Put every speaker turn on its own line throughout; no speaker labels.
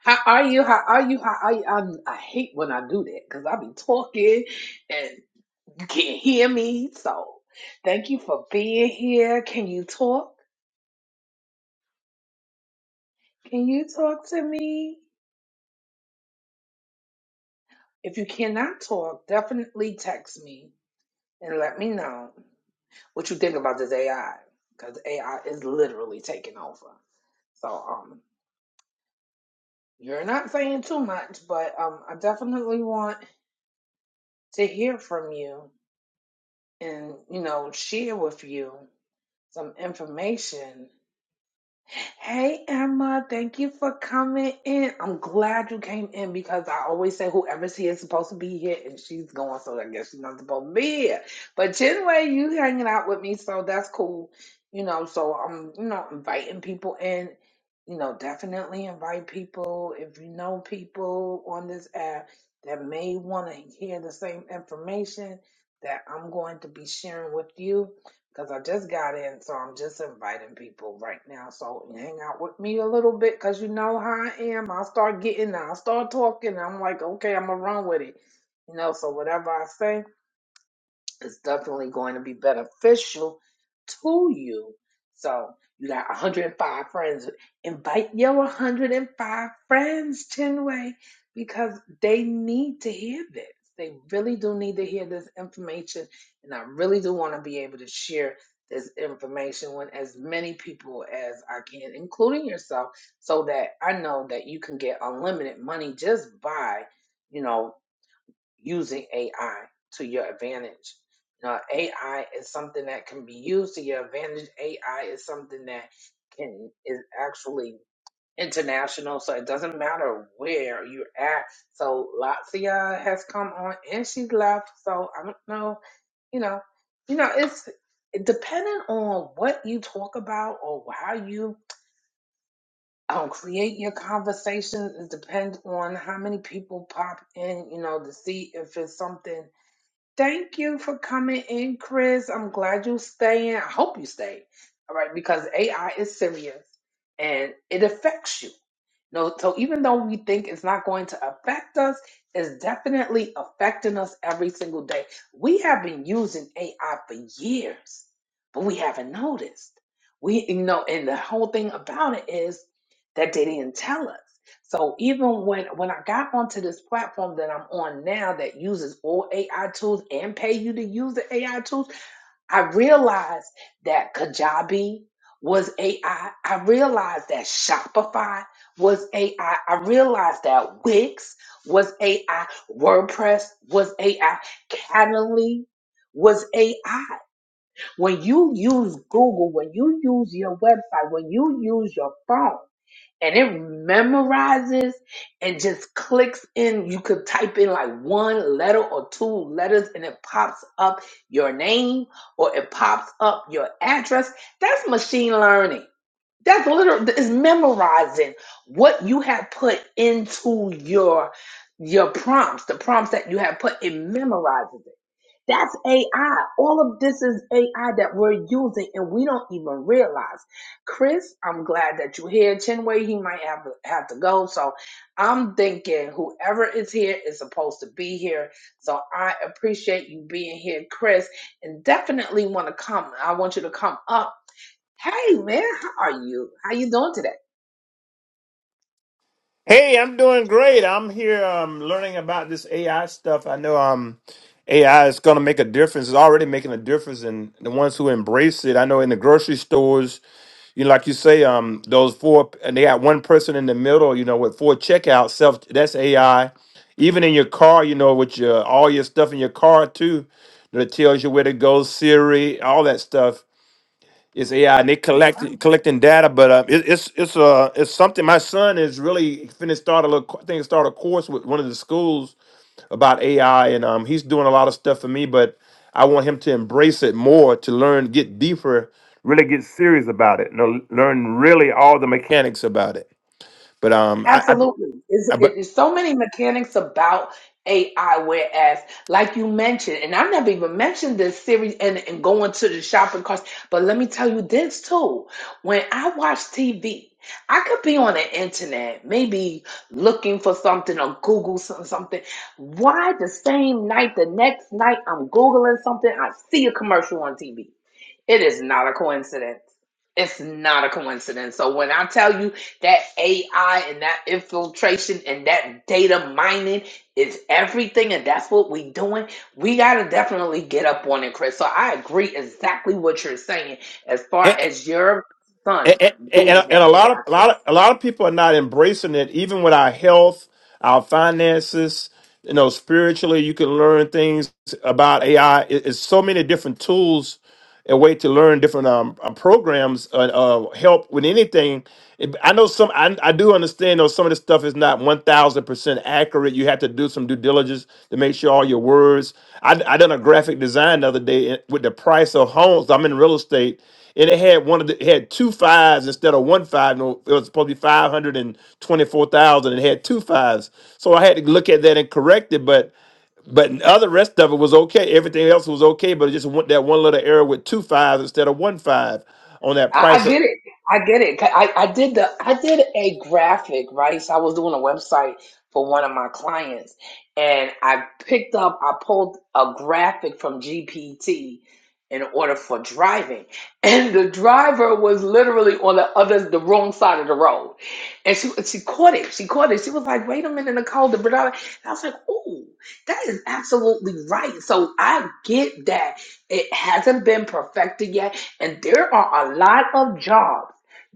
How are you? How are you? How are you? I, I hate when I do that because I be talking and you can't hear me. So thank you for being here. Can you talk? Can you talk to me? If you cannot talk, definitely text me and let me know what you think about this AI because AI is literally taking over. So um, you're not saying too much, but um, I definitely want to hear from you and you know share with you some information. Hey Emma, thank you for coming in. I'm glad you came in because I always say whoever's here is supposed to be here and she's gone, so I guess she's not supposed to be here. But anyway, you hanging out with me, so that's cool. You know, so I'm, you know, inviting people in. You know, definitely invite people if you know people on this app that may want to hear the same information that I'm going to be sharing with you because I just got in, so I'm just inviting people right now. So hang out with me a little bit, because you know how I am. I start getting, I start talking. I'm like, okay, I'm gonna run with it, you know. So whatever I say. It's definitely going to be beneficial to you. So you got 105 friends. Invite your 105 friends, Chinway, because they need to hear this. They really do need to hear this information. And I really do want to be able to share this information with as many people as I can, including yourself, so that I know that you can get unlimited money just by, you know using AI to your advantage. Now, AI is something that can be used to your advantage. AI is something that can is actually international, so it doesn't matter where you're at. So Lazia has come on and she's left. So I don't know, you know, you know, it's depending on what you talk about or how you um, create your conversation. It depends on how many people pop in, you know, to see if it's something Thank you for coming in, Chris. I'm glad you're staying. I hope you stay. All right, because AI is serious and it affects you. No, so even though we think it's not going to affect us, it's definitely affecting us every single day. We have been using AI for years, but we haven't noticed. We, you know, and the whole thing about it is that they didn't tell us. So even when when I got onto this platform that I'm on now that uses all AI tools and pay you to use the AI tools, I realized that Kajabi was AI. I I realized that Shopify was AI. I I realized that Wix was AI. WordPress was AI. Calendly was AI. When you use Google, when you use your website, when you use your phone and it memorizes and just clicks in. You could type in like one letter or two letters and it pops up your name or it pops up your address. That's machine learning. That's literally is memorizing what you have put into your your prompts, the prompts that you have put, it memorizes it. That's AI. All of this is AI that we're using and we don't even realize. Chris, I'm glad that you're here. Chinwei, he might have, have to go. So I'm thinking whoever is here is supposed to be here. So I appreciate you being here, Chris, and definitely want to come. I want you to come up. Hey, man, how are you? How you doing today?
Hey, I'm doing great. I'm here um, learning about this AI stuff. I know um, AI is going to make a difference. It's already making a difference in the ones who embrace it. I know in the grocery stores, you know, like you say, um, those four, and they got one person in the middle, you know, with four checkouts. Self, that's AI. Even in your car, you know, with your all your stuff in your car too, that tells you where to go, Siri, all that stuff. It's AI and they collect collecting data, but uh, it, it's it's uh it's something. My son is really finna start a little. co- I think start a course with one of the schools about AI, and um he's doing a lot of stuff for me. But I want him to embrace it more to learn, get deeper, really get serious about it, and learn really all the mechanics about it. But um I, I,
Absolutely. It's,
I
it-
but.
it's so many mechanics about AI, whereas, like you mentioned, and I never even mentioned this series and, and going to the shopping carts, but let me tell you this too. When I watch TV, I could be on the internet, maybe looking for something or Google some, something. Why the same night, the next night, I'm Googling something, I see a commercial on TV? It is not a coincidence. It's not a coincidence. So when I tell you, that AI and that infiltration and that data mining is everything, and that's what we doing. We gotta definitely get up on it, Chris. So I agree exactly what you're saying as far as your son
and, and,
doing
and
that
and a
AI.
lot of a
course.
lot of a lot of people are not embracing it even with our health our finances you know spiritually you can learn things about ai It- it's so many different tools and way to learn different um, uh, programs uh, uh, help with anything It- i know some I, I do understand though some of this stuff is not 1000% accurate you have to do some due diligence to make sure all your words i, I done a graphic design the other day with the price of homes i'm in real estate and it had one of the it had two fives instead of one five. No, it was supposed to be five hundred and twenty four thousand. and It had two fives, so I had to look at that and correct it. But but the other rest of it was okay. Everything else was okay, but it just went that one little error with two fives instead of one five on that
I,
price.
I
Of,
get it. I get it. I, I did the I did a graphic, right? So I was doing a website for one of my clients and I picked up I pulled a graphic from GPT in order for driving. And the driver was literally on the other the wrong side of the road. And she she caught it. She caught it. She was like, wait a minute, Nicole, the brother and I was like, oh, that is absolutely right. So I get that it hasn't been perfected yet and there are a lot of jobs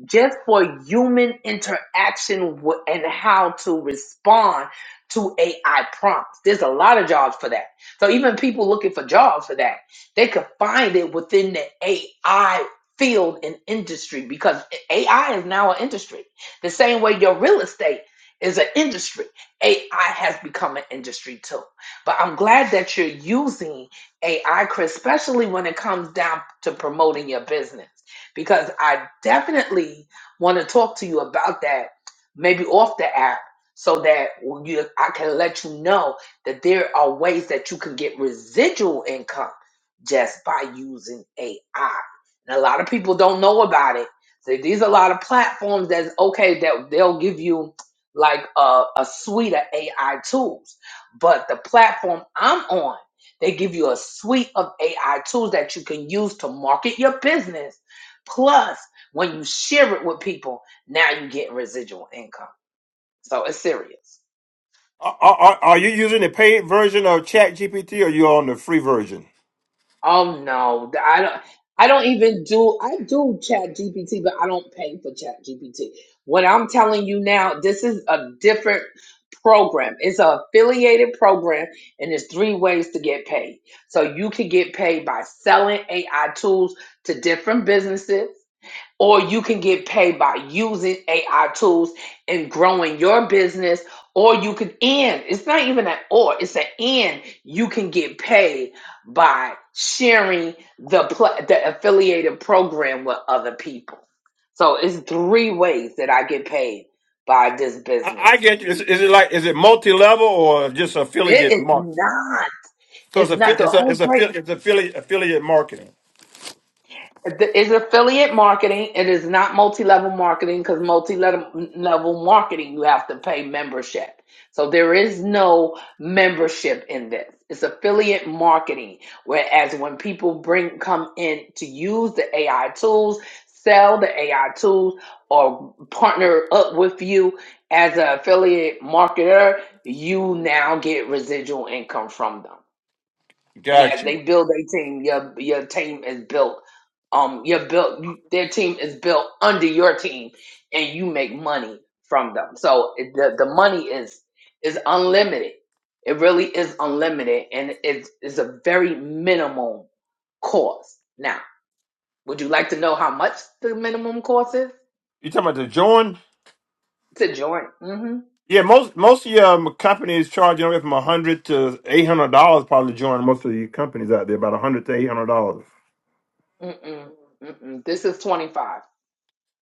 just for human interaction wi- and how to respond to AI prompts. There's a lot of jobs for that. So even people looking for jobs for that, they could find it within the AI field and industry because AI is now an industry. The same way your real estate is an industry. AI has become an industry too. But I'm glad that you're using AI, Chris, especially when it comes down to promoting your business. Because I definitely want to talk to you about that, maybe off the app, so that you, I can let you know that there are ways that you can get residual income just by using AI. And a lot of people don't know about it. So these are a lot of platforms that's okay that they'll give you like a, a suite of AI tools. But the platform I'm on, they give you a suite of AI tools that you can use to market your business. Plus, when you share it with people, now you get residual income. So it's serious.
Are, are, are you using the paid version of Chat GPT or you on the free version?
Oh no, th- I don't. I don't even do. I do Chat GPT, but I don't pay for Chat GPT. What I'm telling you now, this is a different program. It's an affiliated program, and there's three ways to get paid. So you can get paid by selling AI tools to different businesses or you can get paid by using AI tools and growing your business, or you could end. It's not even an or, it's an end. You can get paid by sharing the pla the affiliated program with other people. So it's three ways that I get paid by this
I, I
business.
get you. Is, is it like is it multi level or just
It
affiliate
is
mark?
not.
So it's
It's not
a
the
it's a
whole
it's
break.
a it's affiliate affiliate marketing.
It is affiliate marketing. It is not multi-level marketing because multi-level marketing, you have to pay membership. So there is no membership in this. It's affiliate marketing. Whereas when people bring come in to use the AI tools, sell the AI tools, or partner up with you as an affiliate marketer, you now get residual income from them. And as
Gotcha.
they build their team, your your team is built. Um, your built you, their team is built under your team, and you make money from them. So it, the the money is is unlimited. It really is unlimited, and it's it's a very minimum cost. Now, would you like to know how much the minimum cost is
You talking about the join?
to join? Mm-hmm.
Yeah, most most of your um, companies charge anywhere from a hundred to eight hundred dollars probably join. Most of the companies out there about a hundred to eight hundred dollars.
Mm-mm. Mm-mm. This is twenty five.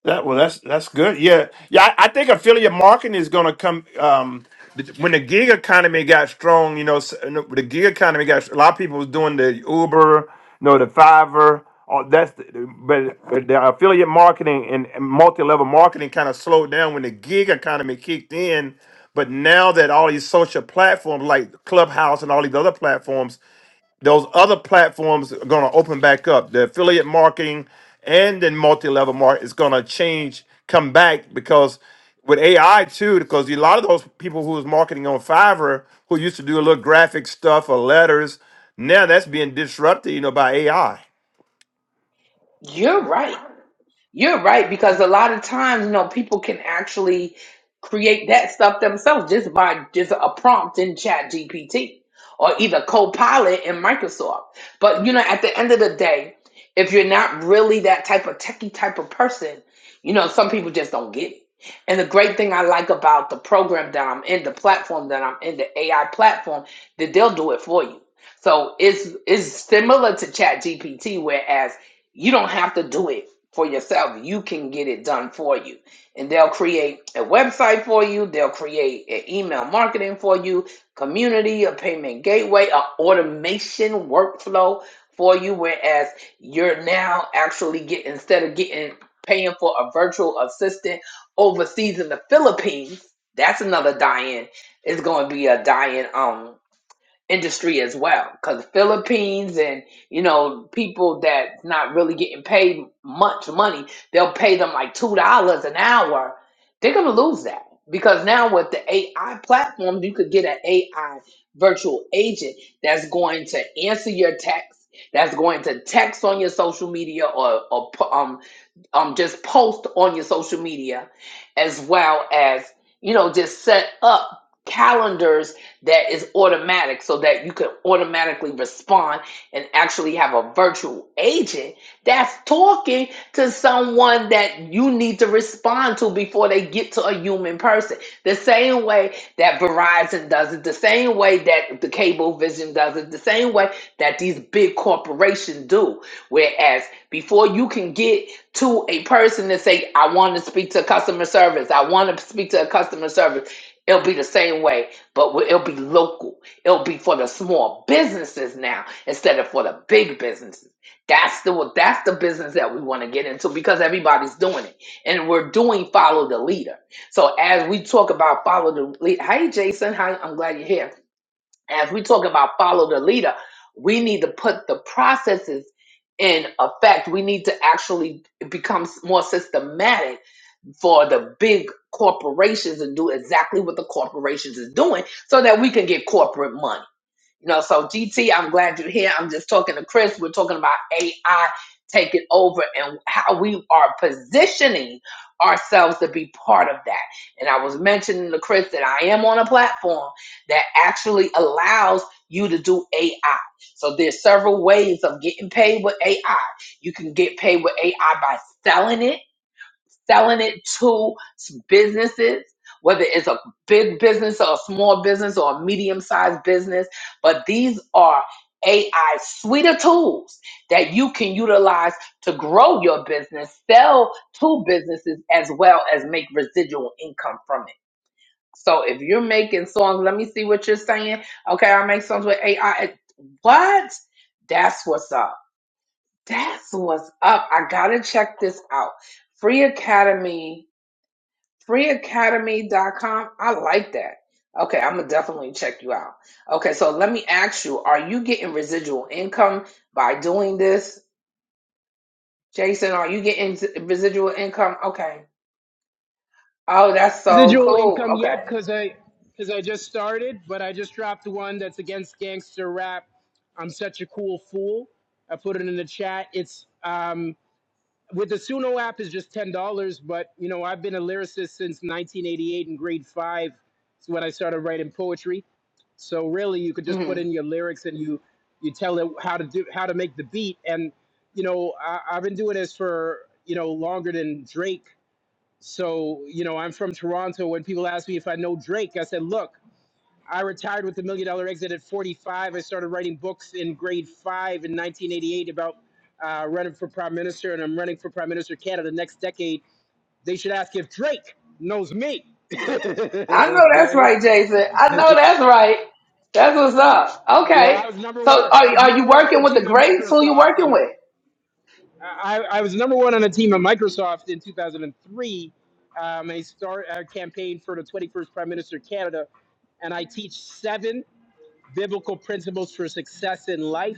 That well, that's that's good. Yeah, yeah. I, I think affiliate marketing is going to come um, th- when the gig economy got strong. You know, s- you know, the gig economy got a lot of people was doing the Uber, you know, the Fiverr. All that's the, but but the affiliate marketing and, and multi-level marketing kind of slowed down when the gig economy kicked in. But now that all these social platforms like Clubhouse and all these other platforms those other platforms are going to open back up. The affiliate marketing and then multi-level market is going to change, come back because with AI too, because a lot of those people who was marketing on Fiverr who used to do a little graphic stuff or letters, now that's being disrupted, you know, by AI.
You're right. You're right because a lot of times, you know, people can actually create that stuff themselves just by just a prompt in Chat GPT or either Copilot in Microsoft. But you know, at the end of the day, if you're not really that type of techie type of person, you know, some people just don't get it. And the great thing I like about the program that I'm in, the platform that I'm in, the AI platform, that they'll do it for you. So it's it's similar to Chat GPT, whereas you don't have to do it for yourself. You can get it done for you. And they'll create a website for you, they'll create an email marketing for you, community, a payment gateway, a automation workflow for you, whereas you're now actually getting instead of getting paying for a virtual assistant overseas in the Philippines, that's another die-in. It's gonna be a die-in um industry as well because the philippines and you know people that's not really getting paid much money they'll pay them like two dollars an hour they're gonna lose that because now with the ai platform you could get an ai virtual agent that's going to answer your text that's going to text on your social media or, or pu- um, um just post on your social media as well as you know just set up calendars that is automatic so that you can automatically respond and actually have a virtual agent that's talking to someone that you need to respond to before they get to a human person the same way that verizon does it the same way that the cable vision does it the same way that these big corporations do whereas before you can get to a person to say, I want to speak to customer service. I want to speak to a customer service. It'll be the same way, but we- it'll be local. It'll be for the small businesses now instead of for the big businesses. That's the that's the business that we want to get into because everybody's doing it, and we're doing follow the leader. So as we talk about follow the leader, hey Jason, hi, I'm glad you're here as we talk about follow the leader, we need to put the processes in effect. We need to actually become more systematic for the big corporations and do exactly what the corporations is doing so that we can get corporate money you know, so GT, I'm glad you're here. I'm just talking to Chris. We're talking about AI taking over and how we are positioning ourselves to be part of that. And I was mentioning to Chris that I am on a platform that actually allows you to do AI. So there's several ways of getting paid with AI. You can get paid with AI by selling it selling it to businesses, whether it's a big business or a small business or a medium sized business. But these are AI suite of tools that you can utilize to grow your business, sell to businesses, as well as make residual income from it. So if you're making songs, let me see what you're saying. Okay, I make songs with AI. What? That's what's up. That's what's up. I gotta check this out. Free Academy free academy dot com. I like that. Okay, I'm gonna definitely check you out. Okay, so let me ask you: Are you getting residual income by doing this, Jason? Are you getting residual income? Okay. Oh, that's so
residual
cool.
income
Okay.
yet because I because I just started, but I just dropped one that's against gangster rap. I'm such a cool fool. I put it in the chat. It's um, with the Suno app is just ten dollars, but you know I've been a lyricist since 1988 in grade five. It's when I started writing poetry. So really, you could just
hmm
put in your lyrics and you you tell it how to do how to make the beat. And you know I, I've been doing this for you know longer than Drake so, you know, I'm from Toronto. When people ask me if I know Drake, I said, look, I retired with the Million Dollar Exit at 45. I started writing books in grade five in 1988 about uh, running for prime minister, and I'm running for prime minister of Canada next decade. They should ask if Drake knows me.
I know that's
okay.
right, Jason. I
you
know that's right. That's what's up.
know,
Okay.
I was number
So,
one.
are
I was
are you
number one on
working
the
with the
team at
greats? Who you
Microsoft. You
working
know,
with?
I, I was number one on a team at Microsoft in 2003. Um, I start a campaign for the 21st Prime Minister of Canada, and I teach seven biblical principles for success in life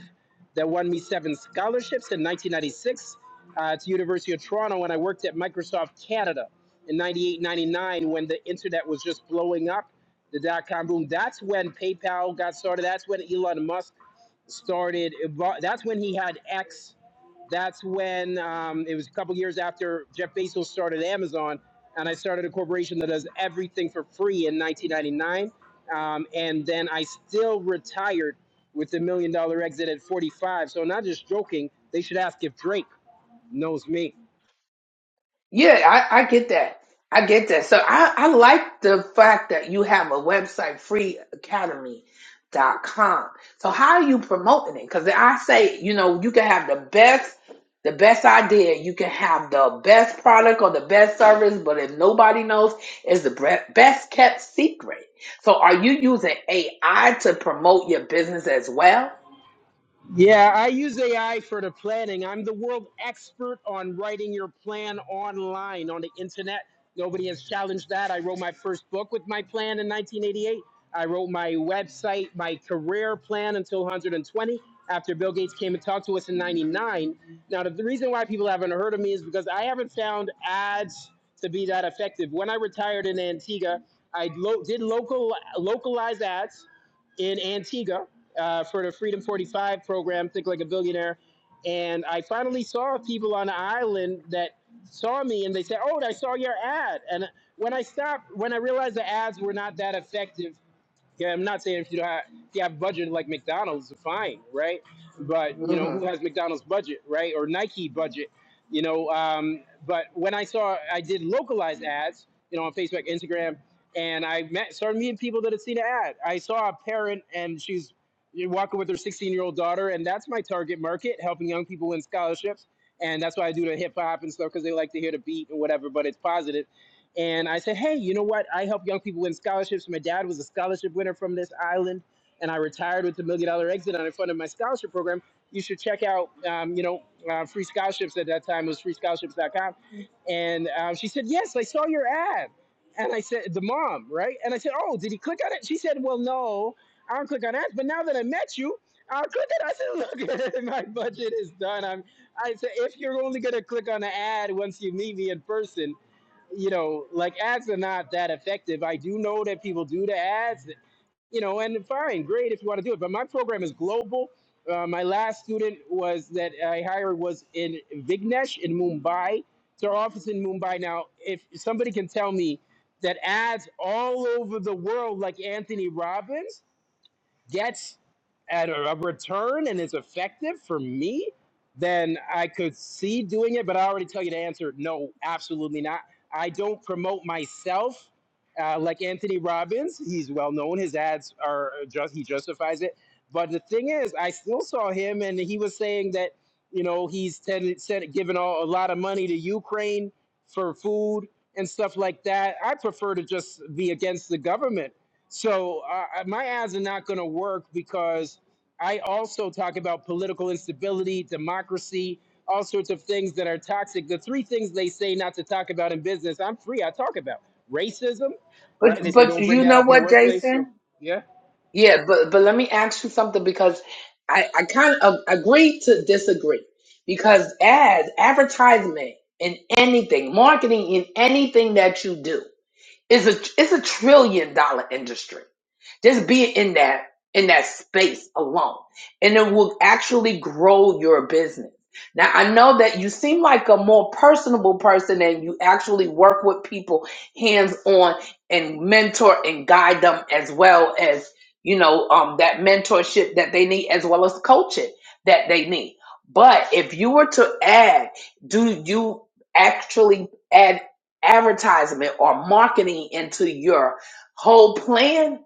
that won me seven scholarships in 1996 uh, to University of Toronto. And I worked at Microsoft Canada in 98, 99 when the internet was just blowing up, the dot com boom. That's when PayPal got started. That's when Elon Musk started. That's when he had X that's when um, it was a couple years after Jeff Bezos started Amazon, and I started a corporation that does everything for free in 1999. Um, and then I still retired with the million dollar exit at 45. So, not just joking, they should ask if Drake knows me.
Yeah, I, I get that. I get that. So I, I like the fact that you have a website, free academy dot com. So how are you promoting it? Because I say, you know, you can have the best, the best idea. You can have the best product or the best service, but if nobody knows, it's the bre- best kept secret. So are you using AI to promote your business as well?
Yeah, I use AI for the planning. I'm the world expert on writing your plan online on the internet. Nobody has challenged that. I wrote my first book with my plan in 1988. I wrote my website, my career plan until 120 after Bill Gates came and talked to us in 99. Now, the the reason why people haven't heard of me is because I haven't found ads to be that effective. When I retired in Antigua, I lo- did local localized ads in Antigua uh, for the Freedom 45 program, Think Like a Billionaire. And I finally saw people on the island that saw me and they said, Oh, I saw your ad. And when I stopped, when I realized the ads were not that effective, yeah, I'm not saying if you don't have, if you have budget like McDonald's, fine, right? But you know
hmm
who has McDonald's budget, right? Or Nike budget, you know. Um, but when I saw, I did localized ads, you know, on Facebook, Instagram, and I met started meeting people that had seen the ad. I saw a parent and she's walking with her 16 year old daughter, and that's my target market, helping young people win scholarships. And that's why I do the hip hop and stuff because they like to hear the beat and whatever, but it's positive and I said, hey, you know what? I help young people win scholarships. My dad was a scholarship winner from this island, and I retired with the million dollar exit on the front of my scholarship program. You should check out, um, you know, uh, free scholarships at that time it was freescholarships.com. And um, she said, yes, I saw your ad. And I said, the mom, right? And I said, oh, did he click on it? She said, well, no, I don't click on ads. But now that I met you, I'll click it. I said, look, my budget is done. I'm, I said, if you're only going to click on the ad once you meet me in person, you know, like ads are not that effective. I do know that people do the ads, you know, and fine, great if you want to do it. But my program is global. Uh, my last student was that I hired was in Vignesh in Mumbai. It's our office in Mumbai now. If somebody can tell me that ads all over the world, like Anthony Robbins, gets at a a return and is effective for me, then I could see doing it. But I already tell you the answer no, absolutely not. I don't promote myself uh, like Anthony Robbins. He's well known, his ads are just, he justifies it. But the thing is, I still saw him and he was saying that, you know, he's ten, said, given all, a lot of money to Ukraine for food and stuff like that. I prefer to just be against the government so uh, uh, my ads are not going to work because I also talk about political instability, democracy, all sorts of things that are toxic. The three things they say not to talk about in business, I'm free. I talk about racism,
But
right? They say
but
don't bring
you
that
know
up in the
what,
workplace.
Jason?
So yeah
Yeah, but but let me ask you something because I I kind of agree to disagree because ads, advertisement in anything, marketing in anything that you do. It's a it's a trillion dollar industry. Just being in that in that space alone, and it will actually grow your business. Now I know that you seem like a more personable person, and you actually work with people hands on and mentor and guide them as well as you know um, that mentorship that they need, as well as coaching that they need. But if you were to add, do you actually? add? advertisement or marketing into your whole plan,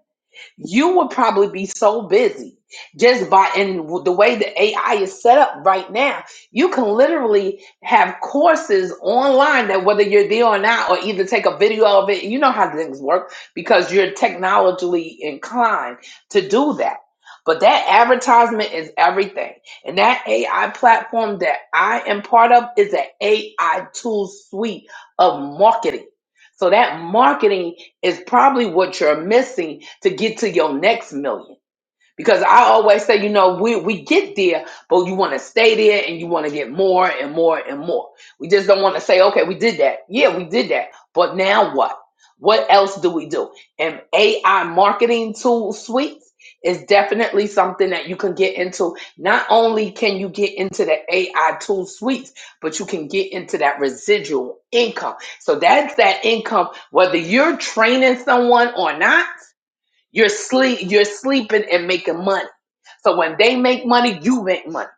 you would probably be so busy just by and the way the AI is set up right now. You can literally have courses online that whether you're there or not, or either take a video of it. You know how things work because you're technologically inclined to do that. But that advertisement is everything. And that AI platform that I am part of is an AI tool suite of marketing. So that marketing is probably what you're missing to get to your next million. Because I always say, you know, we, we get there, but you want to stay there and you want to get more and more and more. We just don't want to say, okay, we did that. Yeah, we did that. But now what? What else do we do? And AI marketing tool suites is definitely something that you can get into. Not only can you get into the AI tool suites, but you can get into that residual income. So that's that income, whether you're training someone or not you're sleep you're sleeping and making money. So when they make money, you make money.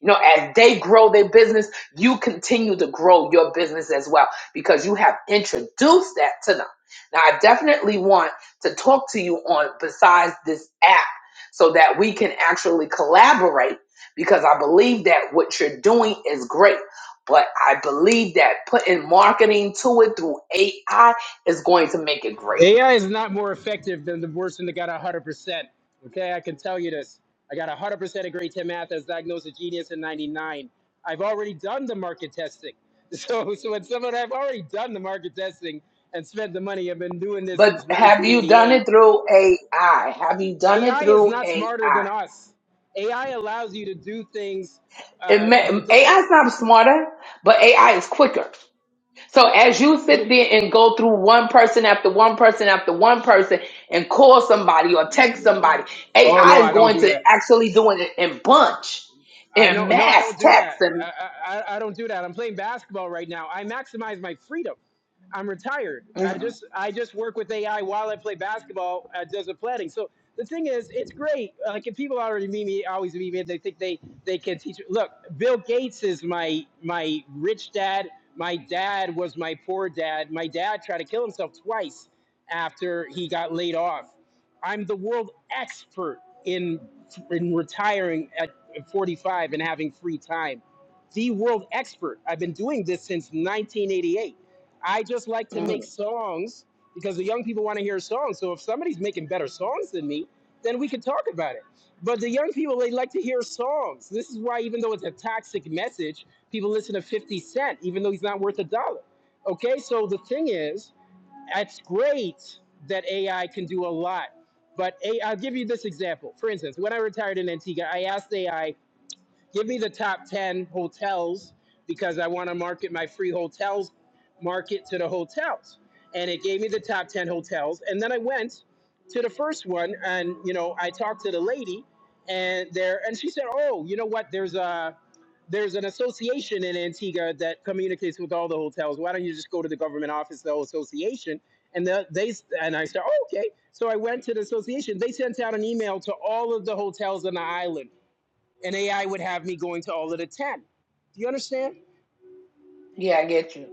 You know, as they grow their business, you continue to grow your business as well because you have introduced that to them. Now I definitely want to talk to you on besides this app so that we can actually collaborate because I believe that what you're doing is great. But I believe that putting marketing to it through AI is going to make it great.
AI is not more effective than the person that got 100%. Okay, I can tell you this. I got 100% of grade 10 math as diagnosed a genius in 99. I've already done the market testing. So, so when someone I've already done the market testing and spent the money, I've been doing this
But
since
have you done
1988.
it through AI? Have you done it
AI is
through
not smarter than
AI?
us. AI allows you to do things.
It
Uh,
may,
it does.
AI is not smarter, but AI is quicker. So as you
Yeah.
sit there and go through one person after one person after one person and call somebody or text somebody,
Oh no,
AI is
I don't
going
do
to
that.
actually doing it in bunch,
I
in
know, no, I
mass
don't do
text
that.
and.
I, I, I don't do that. I'm playing basketball right now. I maximize my freedom. I'm retired. I
Mhm,
just, I just work with AI while I play basketball at Desert Planning. So the thing is, it's great. Like if people already meet me, always meet me, they think they, they can teach. Look, Bill Gates is my, my rich dad. My dad was my poor dad. My dad tried to kill himself twice after he got laid off. I'm the world expert in in retiring uh, and 45 and having free time. The world expert. I've been doing this since 1988. I just like to
mhm.
make songs because the young people want to hear songs. So if somebody's making better songs than me, then we can talk about it. But the young people, they like to hear songs. This is why, even though it's a toxic message, people listen to 50 Cent, even though he's not worth a dollar. Okay, so the thing is, it's great that AI can do a lot. But A i I'll give you this example. For instance, when I retired in Antigua, I asked AI Give me the top 10 hotels because I want to market my free hotels, market to the hotels. And it gave me the top 10 hotels. And then I went to the first one and, you know, I talked to the lady and there, and she said, oh, you know what? There's a, there's an association in Antigua that communicates with all the hotels. Why don't you just go to the government office, the whole association? And the, they and I said, oh, okay. So I went to the association. They sent out an email to all of the hotels on the island and AI would have me going to all of the 10. Do you understand?
Yeah, I get you.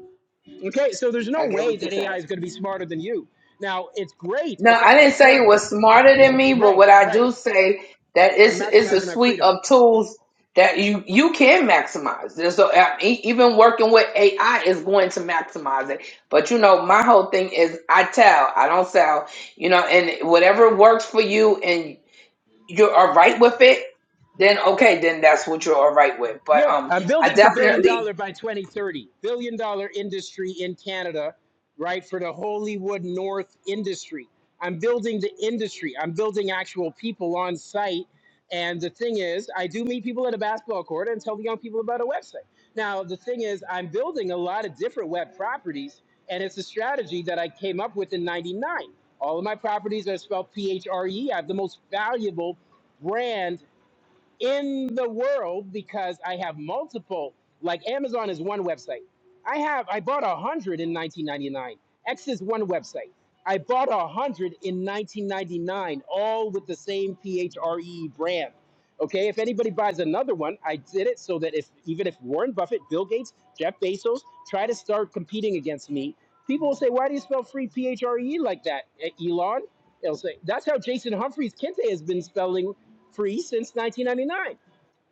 Okay, so there's no
I get
way
what you're
that
saying.
AI is going to be smarter than you. Now, it's great
No,
if
I
I'm
didn't say it
trying,
was smarter than me, but
right,
what I
right.
do say that
So I'm
it's it's a
maximizing my
suite
freedom.
of tools that you you can maximize. There's a, uh, e- even working with AI is going to maximize it. But you know, my whole thing is I tell, I don't sell. You know, and whatever works for you and you're all right with it, then okay, then that's what you're all right with. But
Yeah,
um,
I'm
I
building to billion
definitely
dollar by 2030. Billion dollar industry in Canada, right? For the Hollywood North industry. I'm building the industry. I'm building actual people on site. And the thing is, I do meet people at a basketball court and tell the young people about a website. Now, the thing is, I'm building a lot of different web properties, and it's a strategy that I came up with in 99. All of my properties are spelled P H R E. I have the most valuable brand in the world because I have multiple. Like Amazon is one website. I have I bought a hundred in 1999. X is one website. I bought a hundred in 1999, all with the same PHRE brand. Okay, if anybody buys another one, I did it so that if even if Warren Buffett, Bill Gates, Jeff Bezos try to start competing against me, people will say, "Why do you spell free PHRE like that, E- Elon?" They'll say, "That's how Jason Humphreys Kente has been spelling free since 1999.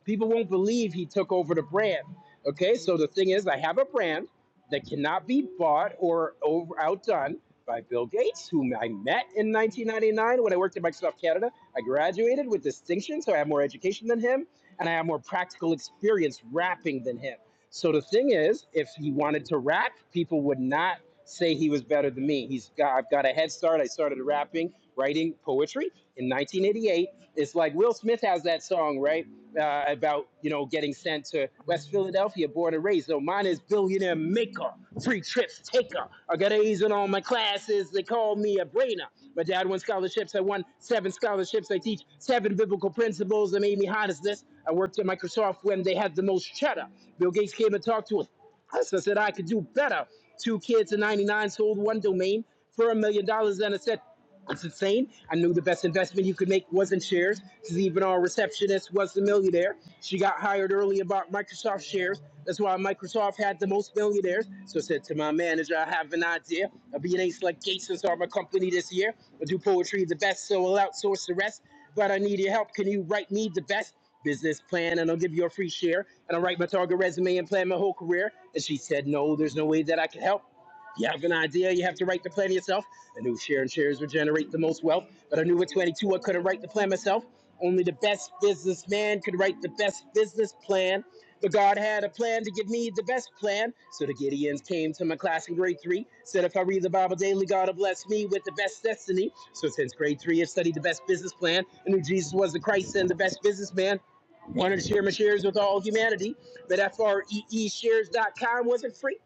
People won't believe he took over the brand. Okay, so the thing is, I have a brand that cannot be bought or over, outdone by Bill Gates, whom I met in 1999 when I worked at Microsoft Canada. I graduated with distinction, so I have more education than him, and I have more practical experience rapping than him. So the thing is, if he wanted to rap, people would not say he was better than me. He's got, I've got a head start. I started rapping, writing poetry in 1988. It's like Will Smith has that song, right? uh, about you know getting sent to West Philadelphia, born and raised. So mine is billionaire maker, free trips taker. I got A's in all my classes. They call me a brainer. My dad won scholarships. I won seven scholarships. I teach seven biblical principles that made me hot as this. I worked at Microsoft when they had the most cheddar. Bill Gates came and talked to us. So I said I could do better. Two kids in 99 sold one domain for a million dollars. And I said, that's insane. I knew the best investment you could make wasn't shares because even our receptionist was a millionaire. She got hired early about Microsoft shares. That's why Microsoft had the most millionaires. So I said to my manager, I have an idea. I'll be an ace like Gates and start my company this year. I'll do poetry the best, so I'll outsource the rest. But I need your help. Can you write me the best? business plan and I'll give you a free share and I'll write my target resume and plan my whole career. And she said, No, there's no way that I can help. You have an idea, you have to write the plan yourself. I knew sharing shares would generate the most wealth, but I knew at 22 I couldn't write the plan myself. Only the best businessman could write the best business plan. But God had a plan to give me the best plan. So the Gideons came to my class in grade three, said if I read the Bible daily, God will bless me with the best destiny. So since grade three, I've studied the best business plan. I knew Jesus was the Christ and the best businessman wanted to share my shares with all humanity, but f r e e shares dot com wasn't free.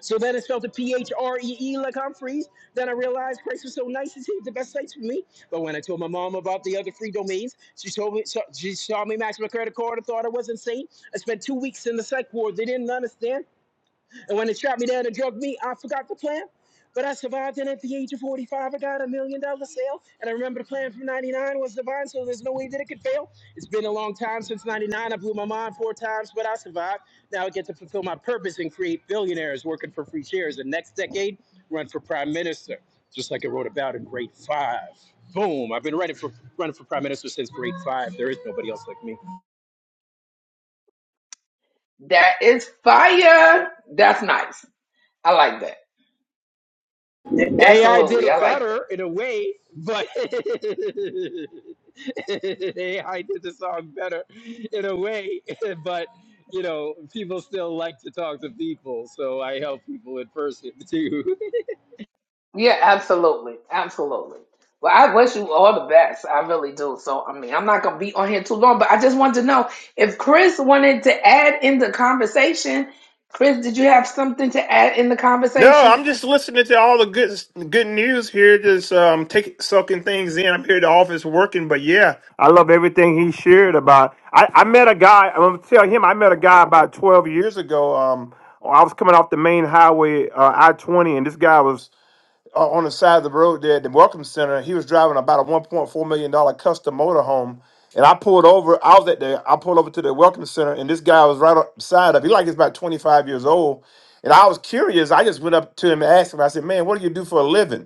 So then it spelled to P-H-R-E-E like Humphreys. Then I realized Christ was so nice and saved the best sites for me. But when I told my mom about the other free domains, she told me so- she saw me max my credit card and thought I was insane. I spent two weeks in the psych ward. They didn't understand. And when they strapped me down and drugged me, I forgot the plan. But I survived, and at the age of 45, I got a million dollar sale. And I remember the plan from 99 was divine, so there's no way that it could fail. It's been a long time since 99. I blew my mind four times, but I survived. Now I get to fulfill my purpose and create billionaires working for free shares. And next decade, run for prime minister, just like I wrote about in grade five. Boom! I've been running for running for prime minister since grade five. There is nobody else like me.
that is fire. That's nice. I like that.
AI did
Absolutely, I
it
like that.
better in a way, but AI did the song better in a way, but you know, people still like to talk to people, so I help people in person too.
Yeah, absolutely. Absolutely. Well, I wish you all the best. I really do. So, I mean, I'm not going to be on here too long, but I just wanted to know if Chris wanted to add in the conversation. Chris, did you have something to add in the
No,
conversation?
I'm just listening to all the good good news here, just um taking soaking things in. I'm here at the office working, but yeah, I love everything he shared about. I, I met a guy. I'm gonna tell him I met a guy about 12 years ago. Um, I was coming off the main highway, uh, I-20, and this guy was o- on the side of the road there at the Welcome Center. He was driving about a one point four million dollar custom motorhome, and I pulled over. I was at the I pulled over to the Welcome Center, and this guy was right side of. He like is about twenty five years old, and I was curious. I just went up to him and asked him. I said, "Man, what do you do for a living?"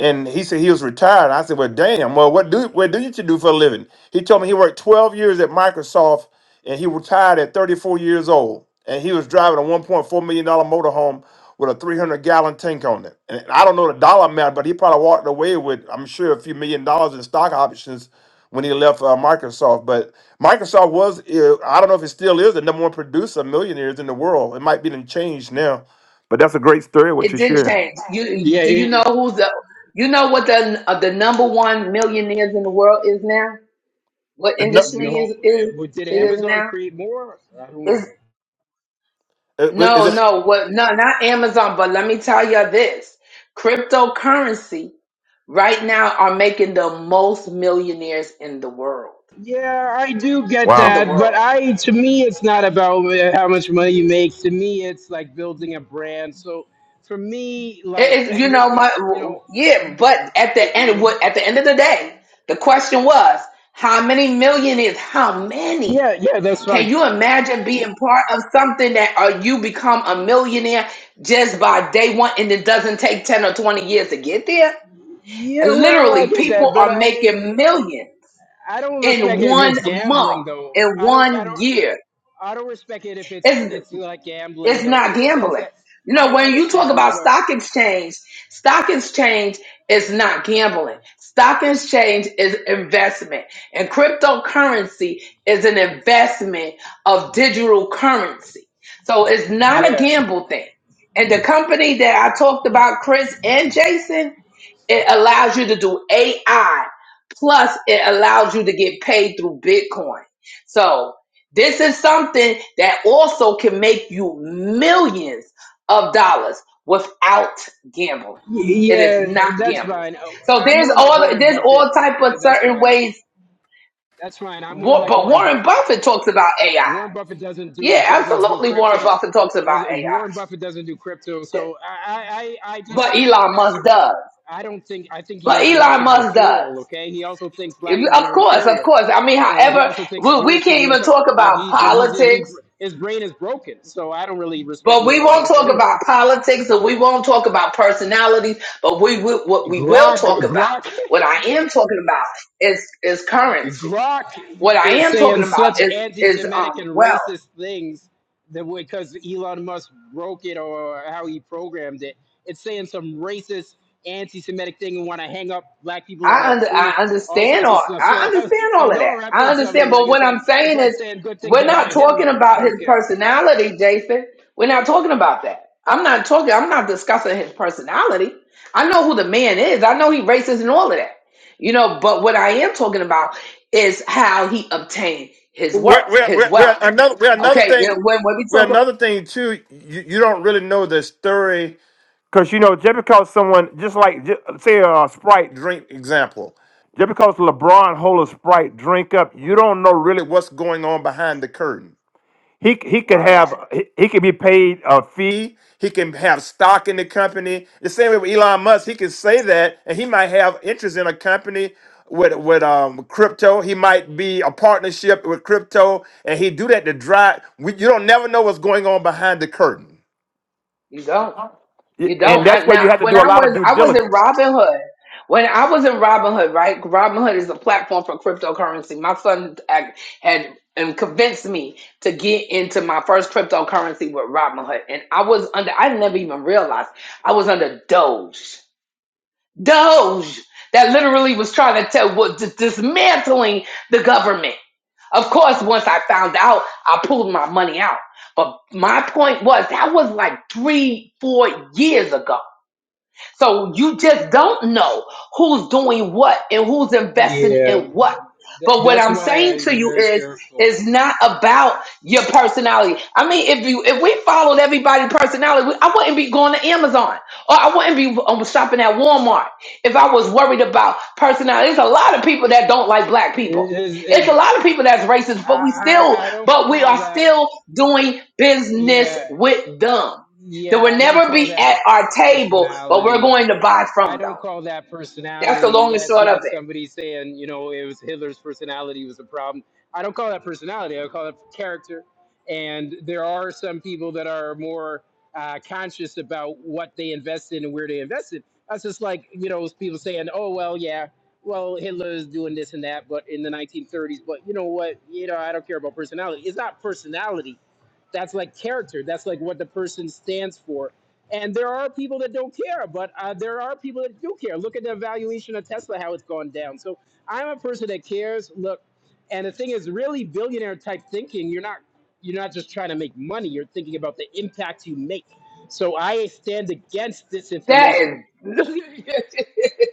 And he said he was retired. I said, "Well, damn. Well, what do what do you do for a living?" He told me he worked 12 years at Microsoft, and he retired at 34 years old. And he was driving a 1.4 million dollar motorhome with a 300 gallon tank on it. And I don't know the dollar amount, but he probably walked away with, I'm sure, a few million dollars in stock options when he left uh, Microsoft. But Microsoft was, uh, I don't know if it still is, the number one producer of millionaires in the world. It might be done changed now, but that's a great story. What
It
you
did
shared.
change. You
yeah,
do you know
it,
who's the you know what the uh, the number one millionaires in the world is now? What
The nu-
industry
no,
is
eh,
is
well, did
it is
Amazon
now?
create more? I don't know.
uh, Is
No,
it?
no, what no, not Amazon, but let me tell you this. Cryptocurrency right now are making the most millionaires in the world.
Yeah, I do get
In the
that,
Wow.
world.
but I to me it's not about eh, how much money you make. To me, it's like building a brand. So for me, like,
It, it- you
and
know
if you
my
you know.
yeah, but at
you,
the
you
end
know
what at the end of the day, the question was, how many millionaires? How many?
Yeah, yeah, that's
Can
fine.
you imagine being part of something that uh, you become a millionaire just by day one and it doesn't take 10 or 20 years to get there?
Yeah, well, I
Literally,
get
people
that,
are
but I
making millions
I don't
in
respect it if
one
it's
month,
gambling though.
in
I don't I
one
don't
year.
I don't respect it if it's
It's
it's like
it's
gambling though,
not
in the sense
gambling.
that
You know,
I
when you talk
understand,
about
but
stock exchange, stock exchange is not gambling. Stock exchange is investment. And cryptocurrency is an investment of digital currency. So it's not a
yeah,
gamble thing. And the company that I talked about, Chris and Jason, it allows you to do AI, plus it allows you to get paid through Bitcoin. So this is something that also can make you millions of dollars without gambling. It is
yeah,
not
that's
gambling.
fine. Oh,
So
I'm
there's
more like
all
Warren
there's
Buffett.
all type of
Yeah, that's
certain
fine.
ways.
That's fine. I'm more
Wa-
like
But
Warren
Warren
Buffett.
Buffett talks about AI.
Warren Buffett doesn't do
Yeah,
doesn't do
absolutely. Warren
crypto.
Buffett talks about
Doesn't,
AI,
Warren Buffett doesn't do crypto, so I I I I
but
just.
Elon
That's
Musk does.
I don't think I think
But
Elon Musk
Elon
is a
Musk does.
fool. Okay, he also thinks black
If-
people
Of
are
course, of
inferior.
course. I mean,
So he
however,
also thinks
we, we
Jewish
can't
people are
even
so-
talk
like
about
he he's he
politics,
his brain is broken. So I don't really respect
but we
Elon
won't
Musk
talk
anyway.
about politics and we won't talk about personalities, but we will, what we will
Grok
talk about,
Grok
what I am talking about is, is currency.
Grok
What I
is
am talking
saying
about
such
is, is,
anti-Semitic
um,
and
wealth.
racist things that because Elon Musk broke it or how he programmed it, it's saying some racist anti-Semitic thing and want to hang up black people on
I
a
under,
tree,
I
all
understand
sorts of
all
stuff.
I
So,
understand
so
all of that.
don't
I
reference somebody
understand, but
like it's
what I'm
like it's
saying
like
is
saying good things
we're not
about
talking
Hitler. I
about his
don't care.
personality, Jason. We're not talking about that. I'm not talking I'm not discussing his personality. I know who the man is. I know he racist and all of that. You know, but what I am talking about is how he obtained his
We're,
work,
we're,
his
we're, we're
wealth.
another we're another
Okay, you
thing.
know, when when we
We're
talk about
another thing too. You, you don't really know the story. Cause you know, just because someone, just like ju- say a Sprite drink example, just because LeBron hold a Sprite drink up, you don't know really what's going on behind the curtain. He he could
right,
have he, he could be paid a fee. He can have stock in the company. The same way with Elon Musk, he can say that, and he might have interest in a company with with um crypto. He might be a partnership with crypto, and he do that to drive. We, you don't never know what's going on behind the curtain,
you go.
Y-
You
and
don't
that's
I,
where you
now.
have to
When
do a
I
lot of
was
due
I was
diligence.
in Robinhood. When I was in Robinhood, right? Robinhood is a platform for cryptocurrency. My son ac- had and convinced me to get into my first cryptocurrency with Robinhood, and I was under. I never even realized I was under Doge. Doge that literally was trying to tell what dis- dismantling the government. Of course, once I found out, I pulled my money out. But my point was that was like three, four years ago. So you just don't know who's doing what and who's investing
Yeah,
in what.
th-
But what
that's
I'm
why
saying to
I'm
you
very
is,
careful.
it's not about your personality. I mean, if you if we followed everybody's personality, we- I wouldn't be going to Amazon or I wouldn't be um, shopping at Walmart if I was worried about personality. There's a lot of people that don't like black
It
people.
is,
It's a
it,
lot of people that's racist, but we
I,
still,
I I don't
but we
call
are
that.
still doing business
Yeah,
with them. They will
Yeah, I don't
never
call
be at
that
our table, but we're
personality.
going to buy
I
from them.
don't call that
That's the long
personality.
and
That's
short of
like
it.
somebody saying, you know, it was Hitler's personality was a problem. I don't call that personality. I call it character. And there are some people that are more uh, conscious about what they invest in and where they invest in. That's just like, you know, people saying, oh, well, yeah, well, Hitler is doing this and that, but in the 1930s, but you know what? You know, I don't care about personality. It's not personality that's like character that's like what the person stands for and there are people that don't care but uh, there are people that do care look at the valuation of tesla how it's gone down so i'm a person that cares look and the thing is really billionaire type thinking you're not you're not just trying to make money you're thinking about the impact you make so i stand against
That
disinformation
is,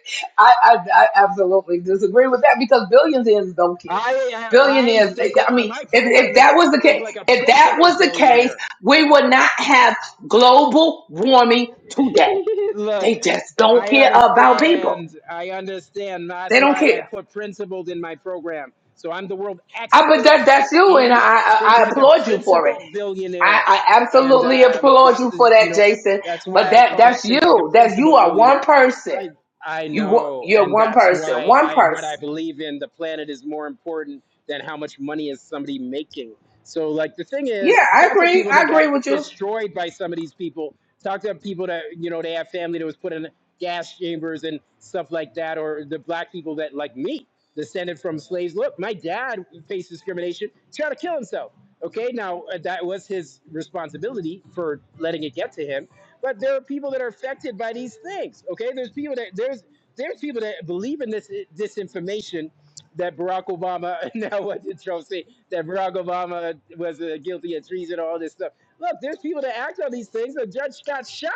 I, I, I absolutely disagree with that because billionaires don't care.
i i, I
Billionaires,
think
I
uh,
mean,
my
if, if
program is
that was the
think
case,
like a
if that
principal
was the case,
billionaire
we would not have global warming today.
Look,
They just don't
I
care about people.
understand. I understand. That's
They don't
why I
care.
put principled in my program. So I'm the world
I, but
expert
that, that's you, and I,
in
I,
think
I
like a
applaud you for it.
principled billionaire,
I, I
and
absolutely
um,
applaud
that's
you for
you
that,
know
Jason.
that's
But
why I
that
call it
that's
think like a
you. That's you
principled
are one
billionaire.
person.
I I
You wa-
know,
you're
and
one
that's
person.
why
One
I what I
person.
believe in. The planet is more important than how much money is somebody making. So like the thing
Yeah,
is,
I
talk to
agree.
people
I
that got
agree with you.
destroyed by some of these people Talk to people that you know they have family that was put in gas chambers and stuff like that, or the black people that like me, descended from slaves. Look, my dad faced discrimination, tried to kill himself. Okay, now uh, that was his responsibility for letting it get to him, but there are people that are affected by these things. Okay, there's people that there's there's people that believe in this disinformation that Barack Obama now what did Trump say that Barack Obama was uh, guilty of treason all this stuff. Look, there's people that act on these things. A judge got shot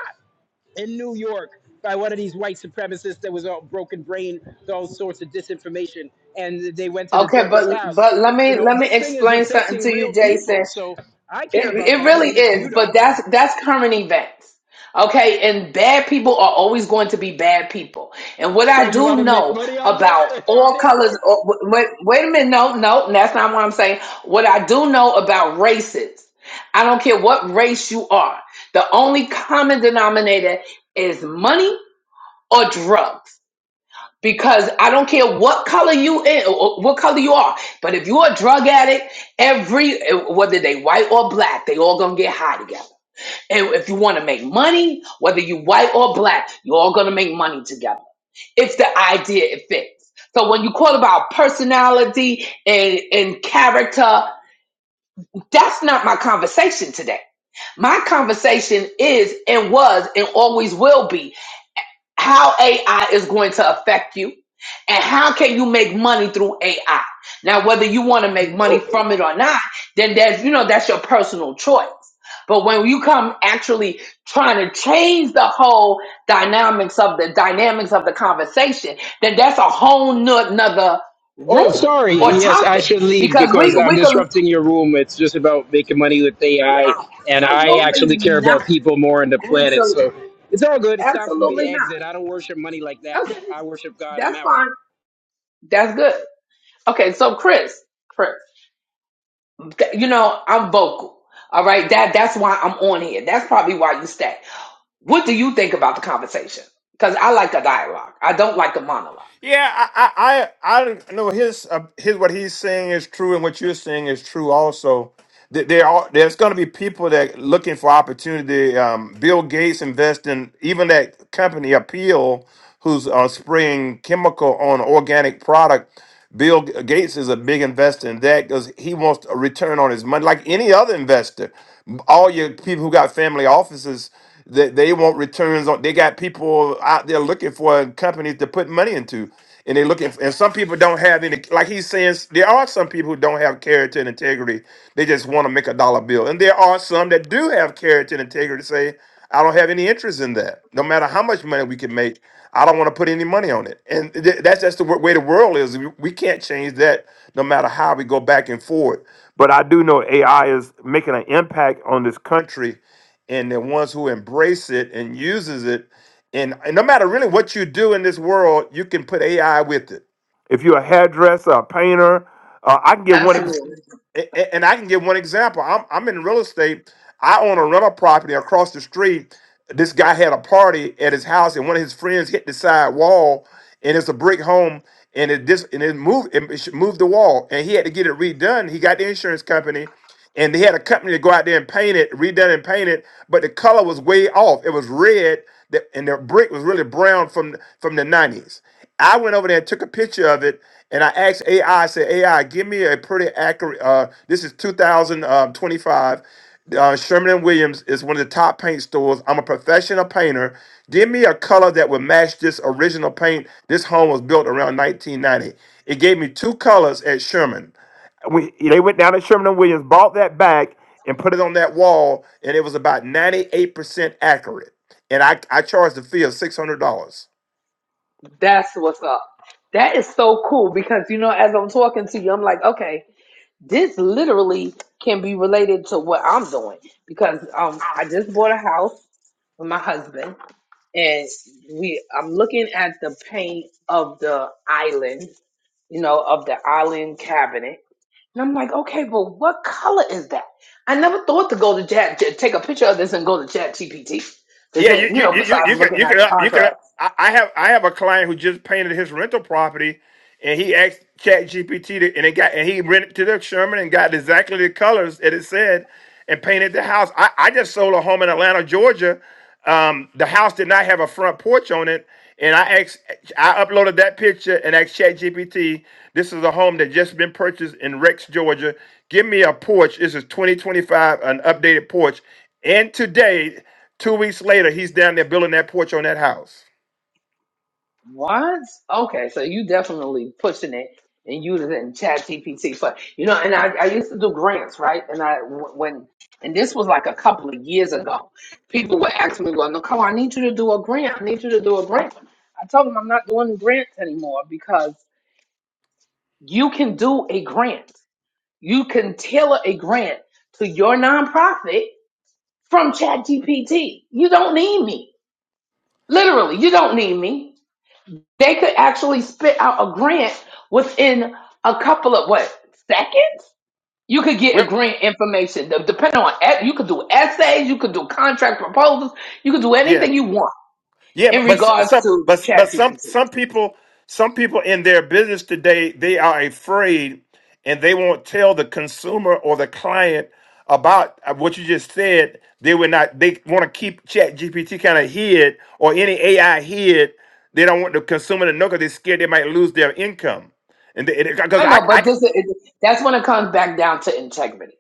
in New York by one of these white supremacists that was all broken brain, all sorts of disinformation, and they went to the
Okay,
judge's
but
house.
but let
You
me
know,
let me
this thing is
explain something
affecting
to you,
real
Jason.
people. So I
It,
care about
it
that,
really
even if
is,
you
but
don't.
that's that's current events. Okay, and bad people are always going to be bad people. And what
So
I
you want
do
to make
know
money on them,
about all
on it?
colors, oh, w- wait, wait a minute, no, no, that's not what I'm saying. What I do know about races, I don't care what race you are, the only common denominator is money or drugs because I don't care what color you in, or what color you are, but if you're a drug addict, every uh, whether they white or black, they all gonna get high together. And if you want to make money, whether you white or black, you're all gonna make money together. It's the idea it fits. So when you call about personality and, and character, that's not my conversation today. My conversation is and was and always will be how AI is going to affect you, and how can you make money through AI. Now, whether you want to make money from it or not, then that's you know that's your personal choice. But when you come actually trying to change the whole dynamics of the dynamics of the conversation, then that's a whole no- nother
Oh,
room
sorry.
or
Yes, I
topic
should leave
because we
because I'm
we can
disrupting your room. It's just about making money with AI, and I
absolutely
actually care
not,
about people more than the planet.
absolutely,
So it's all good. It's time for me to
absolutely not.
exit. I don't worship money like that.
Okay,
I worship God. I'm
that's
out.
fine. That's good. Okay, so Chris, Chris, th- you know I'm vocal. All right, that that's why I'm on here. That's probably why you stay. What do you think about the conversation? Because I like a dialogue. I don't like a monologue.
Yeah, I, I, I, I know his, uh, his what he's saying is true, and what you're saying is true also. Th- There are there's going to be people that looking for opportunity. Um, Bill Gates invest in even that company Appeal, who's uh, spraying chemical on organic product. Bill G- Gates is a big investor in that because he wants a return on his money, like any other investor. All your people who got family offices. They, they want returns on. They got people out there looking for companies to put money into, and they looking. And some people don't have any. Like he's saying, there are some people who don't have character and integrity. They just want to make a dollar bill, and there are some that do have character and integrity. Say, I don't have any interest in that. No matter how much money we can make, I don't want to put any money on it. And th- that's just the w- way the world is. We we can't change that no matter how we go back and forth. But I do know AI is making an impact on this country and the ones who embrace it and uses it and, and no matter really what you do in this world you can put ai with it if you're a hairdresser a painter uh, i can get one ex-
Absolutely.
a- a- and I can give one example. I'm I'm in real estate. I own a rental property across the street. This guy had a party at his house, and one of his friends hit the side wall, and it's a brick home, and it dis and it moved it sh- moved the wall, and he had to get it redone. He got the insurance company, and they had a company to go out there and paint it, redone and paint it, but the color was way off. It was red, that- and the brick was really brown from from the '90s I went over there and took a picture of it, and I asked AI. I I said, AI, give me a pretty accurate. Uh, this is 2025. Uh, Sherman and Williams is one of the top paint stores. I'm a professional painter. Give me a color that would match this original paint. This home was built around 1990. It gave me two colors at Sherman. We, they went down to Sherman and Williams, bought that back, and put it on that wall, and it was about 98% accurate. And I, I charged the fee of $600.
That's what's up. That is so cool because you know, as I'm talking to you, I'm like, okay, this literally can be related to what I'm doing because um, I just bought a house with my husband, and we I'm looking at the paint of the island you know, of the island cabinet. And I'm like, okay, but what color is that? I never thought to go to chat, to take a picture of this and go to chat GPT to
Yeah,
say, you
you you
know,
you you
besides
you could
looking
you
at
can
the
up you can.
contract.
I, I have I have a client who just painted his rental property, and he asked Chat GPT to, and it got and he rented to the Sherman and got exactly the colors that it said, and painted the house. I, I just sold a home in Atlanta, Georgia. Um, the house did not have a front porch on it, and I asked I uploaded that picture and asked Chat GPT. This is a home that just been purchased in Rex, Georgia. Give me a porch. This is 2025, an updated porch. And today Two weeks later, he's down there building that porch on that house.
What? Okay, so you definitely pushing it and using it in chat GPT. But, you know, and I, I used to do grants, right? And I, when, and this was like a couple of years ago, people would ask me, well, Nicole, I need you to do a grant. I need you to do a grant. I told them I'm not doing grants anymore because you can do a grant. You can tailor a grant to your nonprofit from ChatGPT. You don't need me. Literally, you don't need me. They could actually spit out a grant within a couple of what seconds. You could get a
Well,
grant information De- depending on e- you could do essays, you could do contract proposals, you could do
yeah,
anything you want
yeah,
in
but but s-
regards
some
to
but but some
ChatGPT.
some people some people in their business today they are afraid and they won't tell the consumer or the client about uh, what you just said. They would not. They want to keep Chat GPT kind of hid or any AI hid. They don't want the consumer to know because they're scared they might lose their income. And because
I
I,
know,
I
but
can-
this is, that's when it comes back down to integrity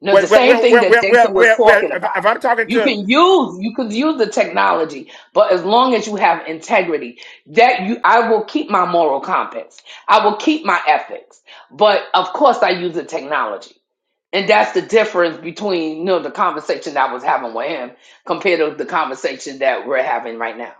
No,
well,
the
well,
same
well,
thing
well,
that
well, well,
Jason was
well, well
talking
if,
about.
if I'm talking
You
to
can use you can use the technology, but as long as you have integrity, that you I will keep my moral compass. I will keep my ethics. But of course I use the technology. And that's the difference between you know the conversation that I was having with him compared to the conversation that we're having right now.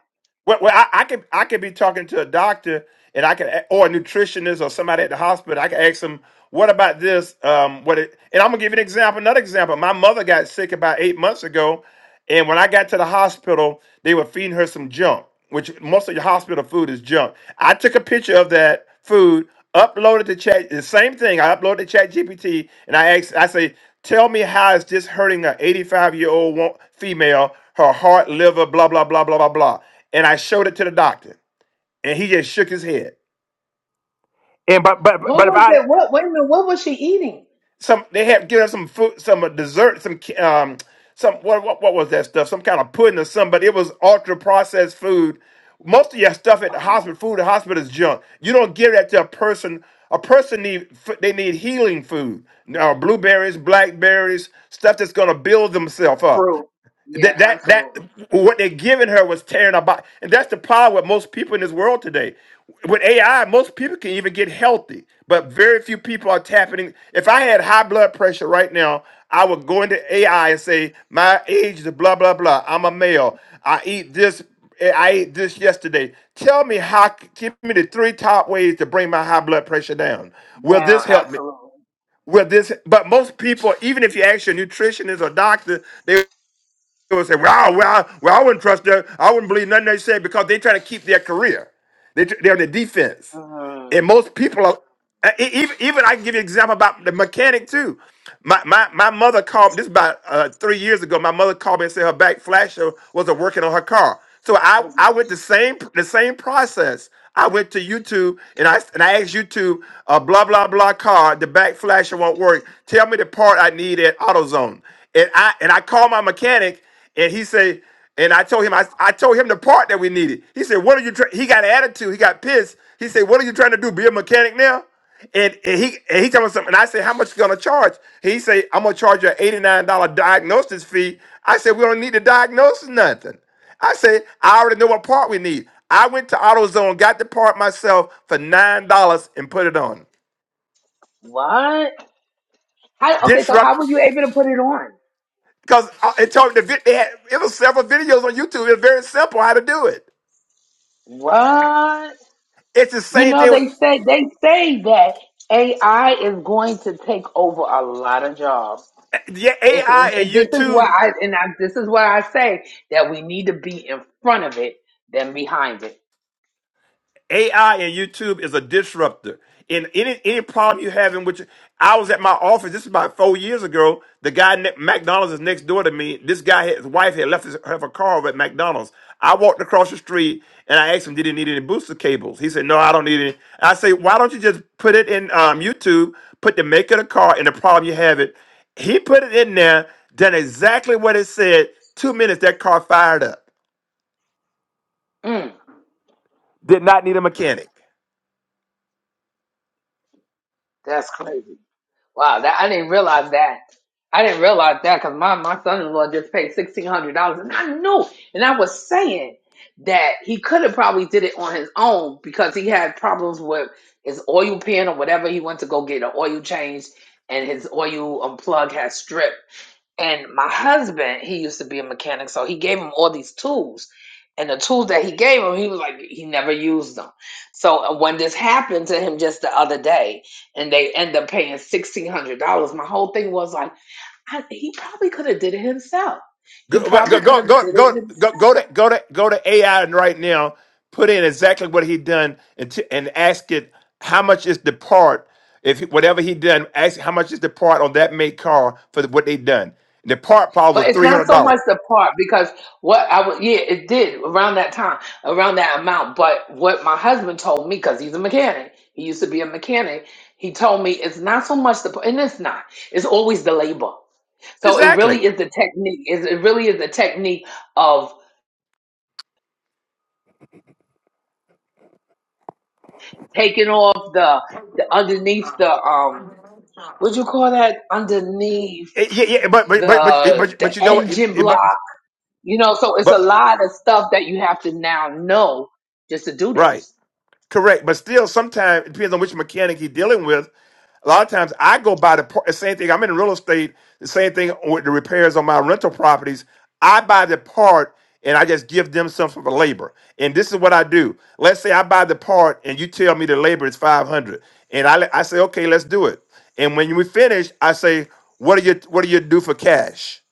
Well, well I, I could I could be talking to a doctor and I could a- or a nutritionist or somebody at the hospital. I could ask them, "What about this? Um, what?" It, and I'm gonna give you an example. Another example. My mother got sick about eight months ago, and when I got to the hospital, they were feeding her some junk, which most of your hospital food is junk. I took a picture of that food, uploaded to chat. The same thing. I uploaded to Chat GPT, and I asked. I say, "Tell me how is this hurting an 85 year old female? Her heart, liver, blah blah blah blah blah blah." and I showed it to the doctor, and he just shook his head. And but but
What
but
was
about it.
that? What wait a minute, what was she eating?
Some they had given us some food, some uh, dessert, some ca- um, some what, what what was that stuff? Some kind of pudding or something, but it was ultra processed food. Most of your stuff at the hospital, food at the hospital is junk. You don't give that to a person. A person need f- they need healing food. Now blueberries, blackberries, stuff that's gonna build themselves up.
Fruit. Yeah,
that that that
absolutely.
what they're giving her was tearing her body, and that's the problem with most people in this world today with ai most people can even get healthy but very few people are tapping in. if i had high blood pressure right now i would go into ai and say my age is blah blah blah i'm a male i eat this i ate this yesterday tell me how give me the three top ways to bring my high blood pressure down will this
Down,
help me
absolutely.
well, this, but most people, even if you ask your nutritionist or doctor, they they would say, "Wow, well, well, I wouldn't trust them. I wouldn't believe nothing they said because they're trying to keep their career. They, they're on the defense,
Mm.
and most people are. uh, e- Even, even I can give you an example about the mechanic too. My my, my mother called. This is about uh, three years ago. My mother called me and said her back flasher wasn't working on her car. So I, I went the same the same process. I went to YouTube and I and I asked YouTube, uh, blah blah blah car, the back flasher won't work. Tell me the part I need at AutoZone. And I and I called my mechanic and he said, and I told him, I, I told him the part that we needed. He said, what are you, try-" he got an attitude. He got pissed. He said, what are you trying to do? Be a mechanic now? And, and he and he told me something. And I said, how much you going to charge? He said, I'm going to charge you an $89 diagnosis fee. I said, we don't need to diagnose nothing. I said, I already know what part we need. I went to AutoZone, got the part myself for $9 and put it on.
What? How, okay, so how were
Disrupt,
you able to put it on?
because it told me the, vid- they had, it was several videos on YouTube. It was very simple how to do it.
What?
It's the
You
same
know,
thing.
they
With,
say they say that AI is going to take over a lot of jobs.
yeah,
It's,
AI
and,
and
and this is what
YouTube.
I and I, this is what I say that we need to be in front of it than behind it.
AI and YouTube is a disruptor. And any any problem you have in which I was at my office, this is about four years ago. The guy ne- McDonald's is next door to me. This guy, his wife had left his, have a car at McDonald's. I walked across the street and I asked him, "Did he need any booster cables?" He said, "No, I don't need any." I say, "Why don't you just put it in um, YouTube? Put the make of the car and the problem you have it." He put it in there, done exactly what it said. Two minutes, that car fired up.
Mm,
Did not need a mechanic.
that's crazy. Wow, that I didn't realize that. I didn't realize that because my, my son-in-law just paid sixteen hundred dollars, and I knew, and I was saying that he could have probably did it on his own because he had problems with his oil pan or whatever. He went to go get an oil change, and his oil um, plug had stripped. And my husband, he used to be a mechanic, so he gave him all these tools. And the tools that he gave him, he was like, he never used them. So uh, when this happened to him just the other day, and they end up paying sixteen hundred dollars, my whole thing was like, I, he probably could have did it himself. He
Go
probably
go
could
go
have did
go
it
go
himself.
go go to go to go to AI right now. Put in exactly what he done and t- and ask it how much is the part if he- whatever he done. Ask how much is the part on that make car for the, what they done. The part probably
But
was
it's
three
not
hundred
so much
dollars.
the part because what I was, yeah, it did around that time, around that amount. But what my husband told me, because he's a mechanic, he used to be a mechanic, he told me it's not so much the, and it's not, it's always the labor. So it
Exactly.
really is the technique. Is it really is the technique of taking off the, the underneath the um what do you call that underneath
Eh, Yeah, yeah, but but but but
the
but
the
but you know what? It-
engine
it-
block
But
You know, so it's a
but
lot of stuff that you have to now know just to do that.
right. Correct, but still, sometimes it depends on which mechanic you're dealing with. A lot of times, I go by the par- the same thing. I'm in real estate. The same thing with the repairs on my rental properties. I buy the part and I just give them some for the labor. And this is what I do. Let's say I buy the part and you tell me the labor is 500, and I I say okay, let's do it. And when we finish, I say, what do you what do you do for cash?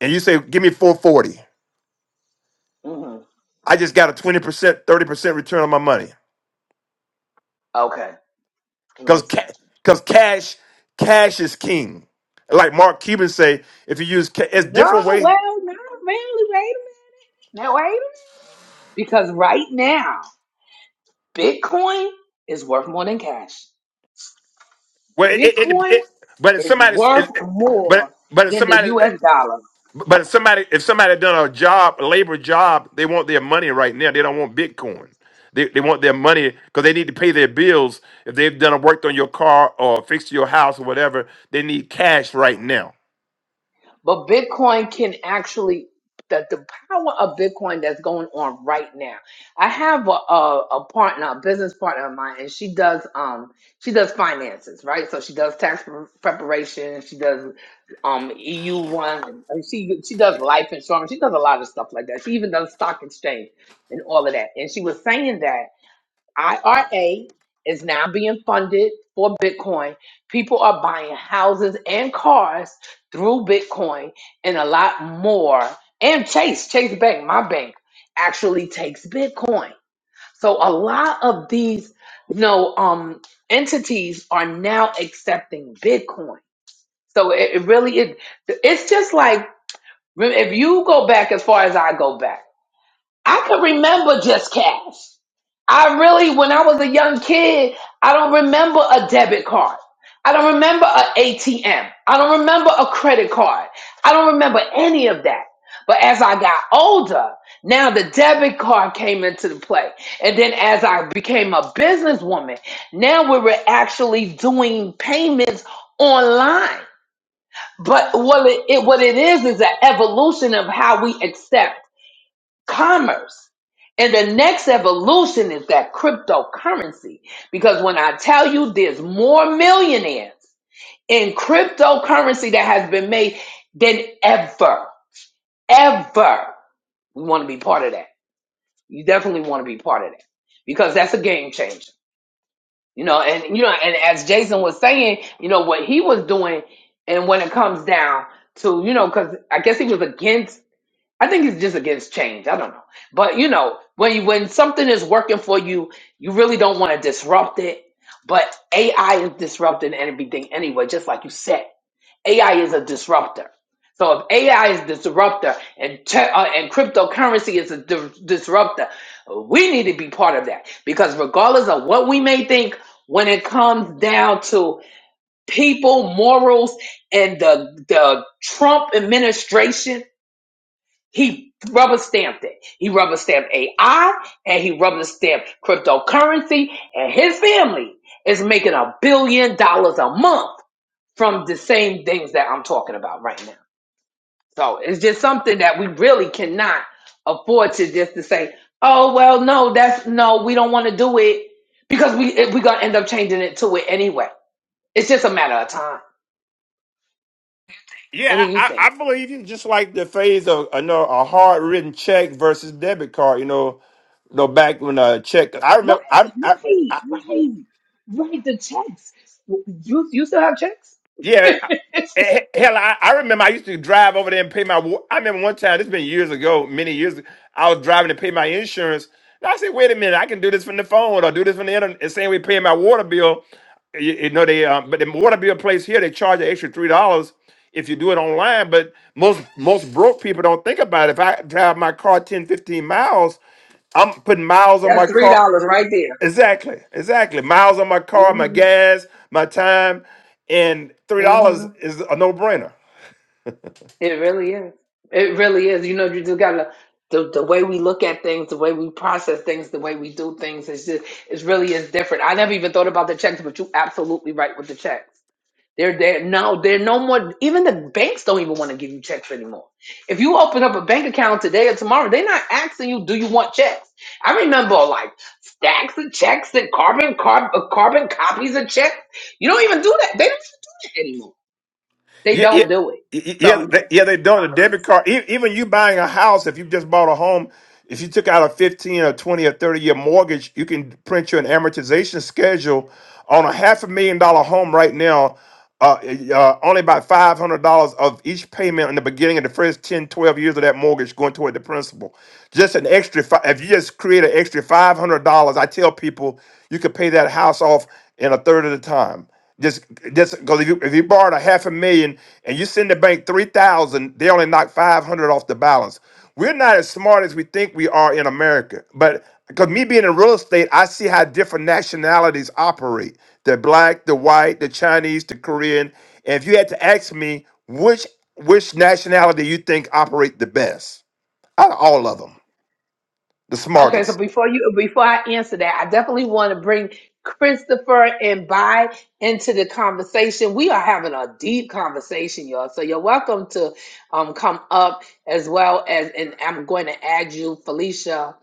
And you say, give me 440.
hmm
I just got a 20 percent, 30 percent return on my money.
Okay, it
because
makes sense.
because cash cash is king. Like Mark Cuban say, if you use ca- it's
No,
different way.
well, no, really, wait a minute. Now, wait a minute. Because right now, Bitcoin is worth more than cash.
Well, it, it, it,
Bitcoin
it- but if
is
somebody, if,
worth more
but but if
than the
somebody
US dollar.
but if somebody if somebody done a job a labor job, they want their money right now. They don't want Bitcoin. They, they want their money because they need to pay their bills. If they've done a worked on your car or fixed your house or whatever, they need cash right now.
But Bitcoin can actually the, the power of Bitcoin that's going on right now. I have a, a, a partner, a business partner of mine, and she does um she does finances, right? So she does tax pre- preparation, she does um EU one, and she she does life insurance, she does a lot of stuff like that. She even does stock exchange and all of that. And she was saying that IRA is now being funded for Bitcoin. People are buying houses and cars through Bitcoin and a lot more. And Chase, Chase Bank, my bank, actually takes Bitcoin. So a lot of these, you know, um, entities are now accepting Bitcoin. So it, it really is. It's just like if you go back as far as I go back. I could remember just cash. I really, when I was a young kid, I don't remember a debit card. I don't remember an ATM. I don't remember a credit card. I don't remember any of that. But as I got older, now the debit card came into the play. And then as I became a businesswoman, now we were actually doing payments online. But what it, it what it is is an evolution of how we accept commerce. And the next evolution is that cryptocurrency. Because when I tell you there's more millionaires in cryptocurrency that has been made than ever, ever, we want to be part of that. You definitely want to be part of that because that's a game changer. You know, and you know, and as Jason was saying, you know, what he was doing and when it comes down to, you know, because I guess he was against I think it's just against change. I don't know. But you know, when you, when something is working for you, you really don't want to disrupt it. But AI is disrupting everything anyway, just like you said. AI is a disruptor. So if AI is disruptor and te- uh, and cryptocurrency is a di- disruptor, we need to be part of that because regardless of what we may think when it comes down to people, morals and the the Trump administration he rubber stamped it. He rubber stamped AI and he rubber stamped cryptocurrency and his family is making a billion dollars a month from the same things that I'm talking about right now. So it's just something that we really cannot afford to just to say, oh well no, that's no, we don't want to do it because we we're gonna end up changing it to it anyway. It's just a matter of time. What do
Yeah,
you
I,
think?
I believe you. Just like the phase of you know, a hard written check versus debit card. You know, you know back when a check. I
Right,
remember. I I.
right,
I
right, right. The checks. You you still have checks?
Yeah,
It
eh, hell, I, I remember I used to drive over there and pay my. wa- I remember one time, this been years ago, many years. ago, I was driving to pay my insurance. And I said, "Wait a minute, I can do this from the phone or do this from the internet." The same way paying my water bill, you, you know they. Um, but the water bill place here, they charge an extra three dollars if you do it online. But most most broke people don't think about it. If I drive my car 10 15 miles, I'm putting miles on my
That's three
car.
dollars right there.
Exactly, exactly. Miles on my car, my
Mm-hmm.
gas, my time, and three dollars
Mm-hmm.
is a no brainer.
It really is. It really is. You know, you just gotta the the way we look at things, the way we process things, the way we do things. It's just it really is different. I never even thought about the checks, but you absolutely right with the checks. They're there now. They're no more. Even the banks don't even want to give you checks anymore. If you open up a bank account today or tomorrow, they're not asking you, "Do you want checks?" I remember like stacks of checks and carbon carb, uh, carbon copies of checks. You don't even do that. They don't even do that anymore. They
Yeah, yeah,
don't do it.
yeah, yeah.
So
They,
yeah,
yeah, they don't. a
commerce is
debit
dead.
card, e- even you buying a house, if you just bought a home, if you took out a fifteen or twenty or thirty year mortgage, you can print you an amortization schedule on a half a million dollar home right now. Uh, uh, only about five hundred dollars of each payment in the beginning of the first 10, 12 years of that mortgage going toward the principal. Just an extra, fi- if you just create an extra five hundred dollars, I tell people you could pay that house off in a third of the time. Just, just because if you if you borrowed a half a million and you send the bank three thousand, they only knock five hundred off the balance. We're not as smart as we think we are in America, but because me being in real estate, I see how different nationalities operate: the black, the white, the Chinese, the Korean. And if you had to ask me which which nationality you think operate the best out of all of them, the
Okay, so
smartest,
before you before I answer that, I definitely want to bring Christopher and Bai into the conversation. We are having a deep conversation, y'all. So you're welcome to um come up as well as and I'm going to add you, Felicia.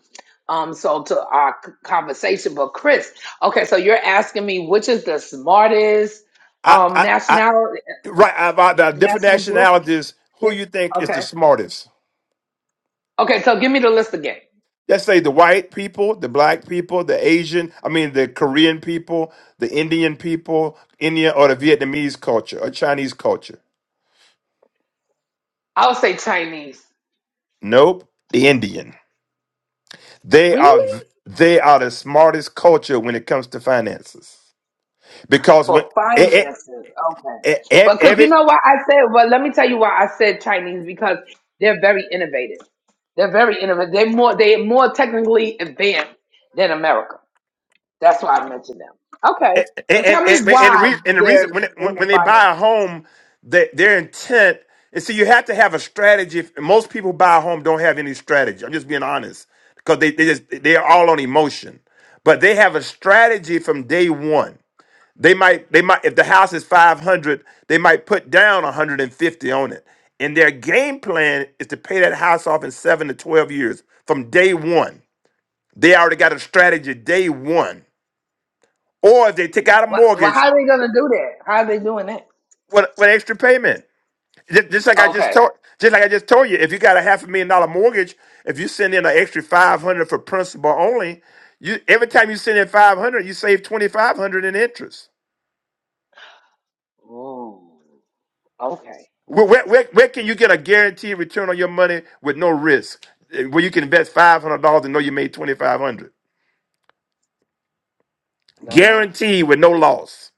Um, so to our c- conversation. But Chris, okay, so you're asking me which is the smartest
I,
um
I, I
national
right about the different
national group?
nationalities, who you think is the
Okay.
smartest?
Okay, so give me the list again.
Let's say the white people, the black people, the Asian, I mean the Korean people, the Indian people, India or the Vietnamese culture or Chinese culture.
I'll say Chinese.
Nope, the Indian. They are
Really?
they are the smartest culture when it comes to finances because when
For
e-
finances, okay.
e- e- e,
But because you
every
know why I said, well, let me tell you why I said Chinese because they're very innovative. They're very innovative. They're more they're more technically advanced than America. That's why I mentioned them. Okay,
and
but
and
tell me
and, and,
why
the, re- and the
they're
reason when, when
in the
when they buy a
finances.
home, they, their intent is see you have to have a strategy. If- Most people buy a home don't have any strategy. I'm just being honest because they they just they're all on emotion, but they have a strategy from day one. They might they might if the house is 500, they might put down 150 on it, and their game plan is to pay that house off in seven to 12 years from day one. They already got a strategy day one. Or if they take out a
Why, why,
mortgage,
how are they gonna do that? How are they doing that?
What what extra payment? Just, just like I just
Okay.
told, just like I just told you, if you got a half a million dollar mortgage, if you send in an extra five hundred for principal only, you every time you send in five hundred, you save twenty five hundred in interest.
Ooh. Okay.
Where, where, where, where can you get a guaranteed return on your money with no risk? Eh, Where you can invest five hundred dollars and know you made twenty five hundred,
I don't know.
guaranteed with no loss.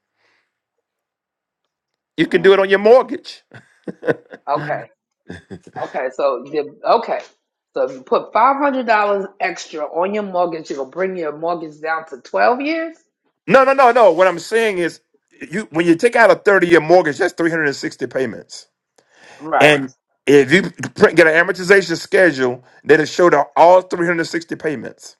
You can do it
Mm.
on your mortgage.
Okay. Okay, so the okay, so if you put five hundred dollars extra on your mortgage, it'll bring your mortgage down to twelve years.
No, no, no, no. What I'm saying is, you when you take out a thirty year mortgage, that's three hundred and sixty payments.
Right.
And if you print, get an amortization schedule, that'll show the, all 360 payments.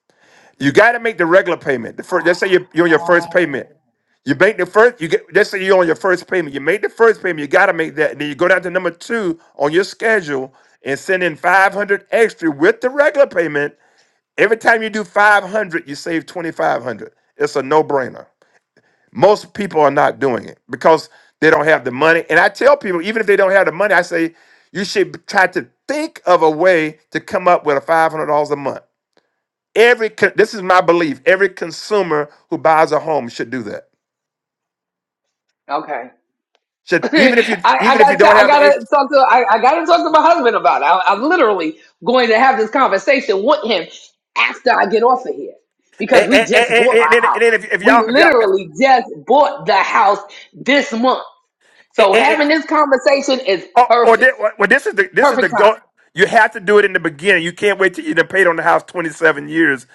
You got to make the regular payment. The first, let's say you're, you're on your first payment.
Oh.
You make the first, you get, let's say you're on your first payment. You make the first payment, you got to make that. Then you go down to number two on your schedule and send in 500 extra with the regular payment. Every time you do 500, you save 2,500. It's a no brainer. Most people are not doing it because they don't have the money. And I tell people, even if they don't have the money, I say you should try to think of a way to come up with a five hundred dollars a month. Every con- this is my belief. Every consumer who buys a home should do that.
Okay.
Should
I,
even if you
I
even if you
gotta tell,
don't
I
have the eight,
gotta talk to I, I gotta talk to my husband about it. I, I'm literally going to have this conversation with him after I get off of here
and,
because we
and, and,
just bought
and, then
our
and
house.
then if, if
We
y'all if y'all
literally just bought the house this month,
and,
so
and, and-
having this conversation is
or, or
perfect,
thi- well well, this is the this is
perfect
the go. You have to do it in the beginning. You can't wait till you done paid on the house twenty seven years.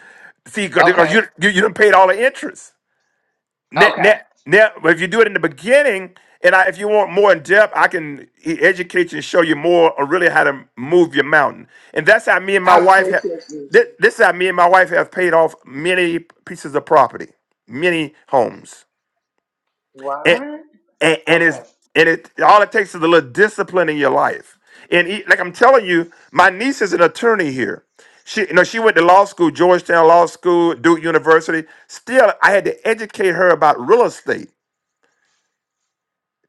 See,
timing.
because
Okay,
you you you done paid all the interest. Now,
okay.
now, now, if you do it in the beginning, and I, if you want more in depth, I can e- educate you and show you more on really how to move your mountain. And that's how me and my
I
wife have.
appreciate you.
This, this is how me and my wife have paid off many pieces of property, many homes, and
What?
and, and it's
Okay.
and it all it takes is a little discipline in your life. And e- like I'm telling you, my niece is an attorney here. She, you know, she went to law school, Georgetown Law School, Duke University. Still, I had to educate her about real estate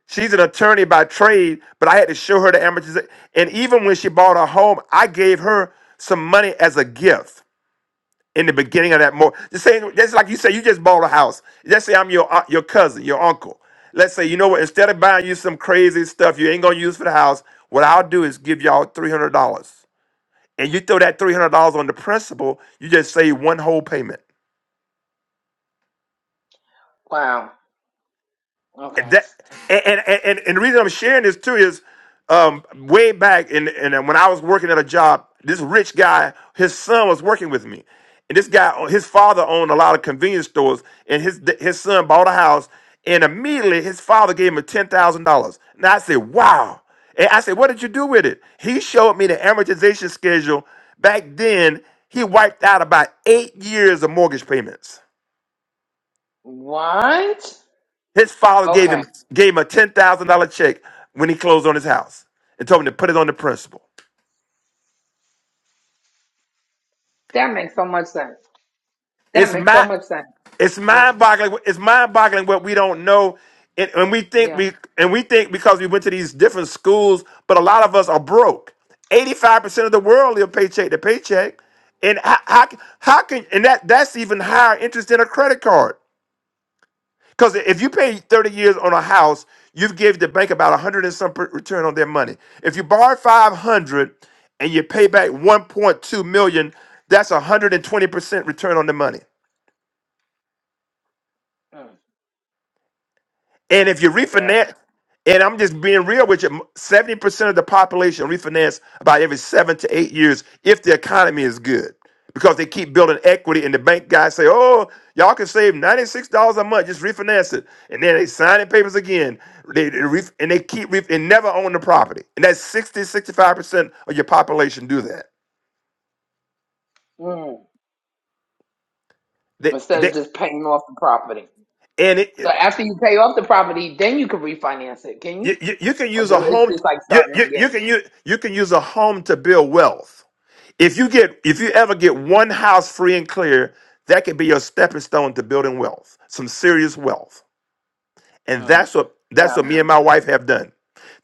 She's an attorney by trade, but I had to show her the amateurs. And even when she bought her home, I gave her some money as a gift in the beginning of that mortgage. Just saying, just like you say, you just bought a house. Let's say I'm your aunt- your cousin, your uncle. Let's say, you know what? Instead of buying you some crazy stuff you ain't gonna use for the house, what I'll do is give y'all three hundred dollars, and you throw that three hundred dollars on the principal. You just save one whole payment.
Wow.
And
Okay.
that and and, and and the reason I'm sharing this too is um way back in and when I was working at a job, this rich guy, his son was working with me. And this guy, his father owned a lot of convenience stores, and his his son bought a house, and immediately his father gave him ten thousand dollars. Now I said, "Wow!" And I said, "What did you do with it?" He showed me the amortization schedule. Back then, he wiped out about eight years of mortgage payments.
What?
His father gave
Okay.
him gave him a ten thousand dollar check when he closed on his house and told him to put it on the principal.
That makes so much sense. That
It's
makes so
my
much sense.
it's
Yeah.
mind boggling. It's mind boggling what we don't know, and, and we think
Yeah.
we and we think because we went to these different schools, but a lot of us are broke. Eighty five percent of the world live paycheck to paycheck, and how, how how can and that that's even higher interest than a credit card. Because if you pay 30 years on a house, you've gave the bank about 100 and some per- return on their money. If you borrow 500 and you pay back 1.2 million, that's 120% return on the money.
Mm.
And if you
My
refinance, and I'm just being real with you, 70% of the population refinance about every seven to eight years if the economy is good. Because they keep building equity and the bank guys say, oh, y'all can save $96 a month, just refinance it. And then they sign the papers again. They, they ref, and they keep ref, and never own the property. And that's sixty sixty five percent of your population do that.
Mm.
They,
Instead of
they,
just paying off the property.
and it,
So
it,
after you pay off the property, then you can refinance it, can you?
you, you, you can
Or
use a
do it's
home,
just like
you,
starting
you, you,
again.
can use, you can use a home to build wealth. If you get, if you ever get one house free and clear, that could be your stepping stone to building wealth, some serious wealth. And
Mm.
that's what
That
that's what
I'm
me and my wife have done.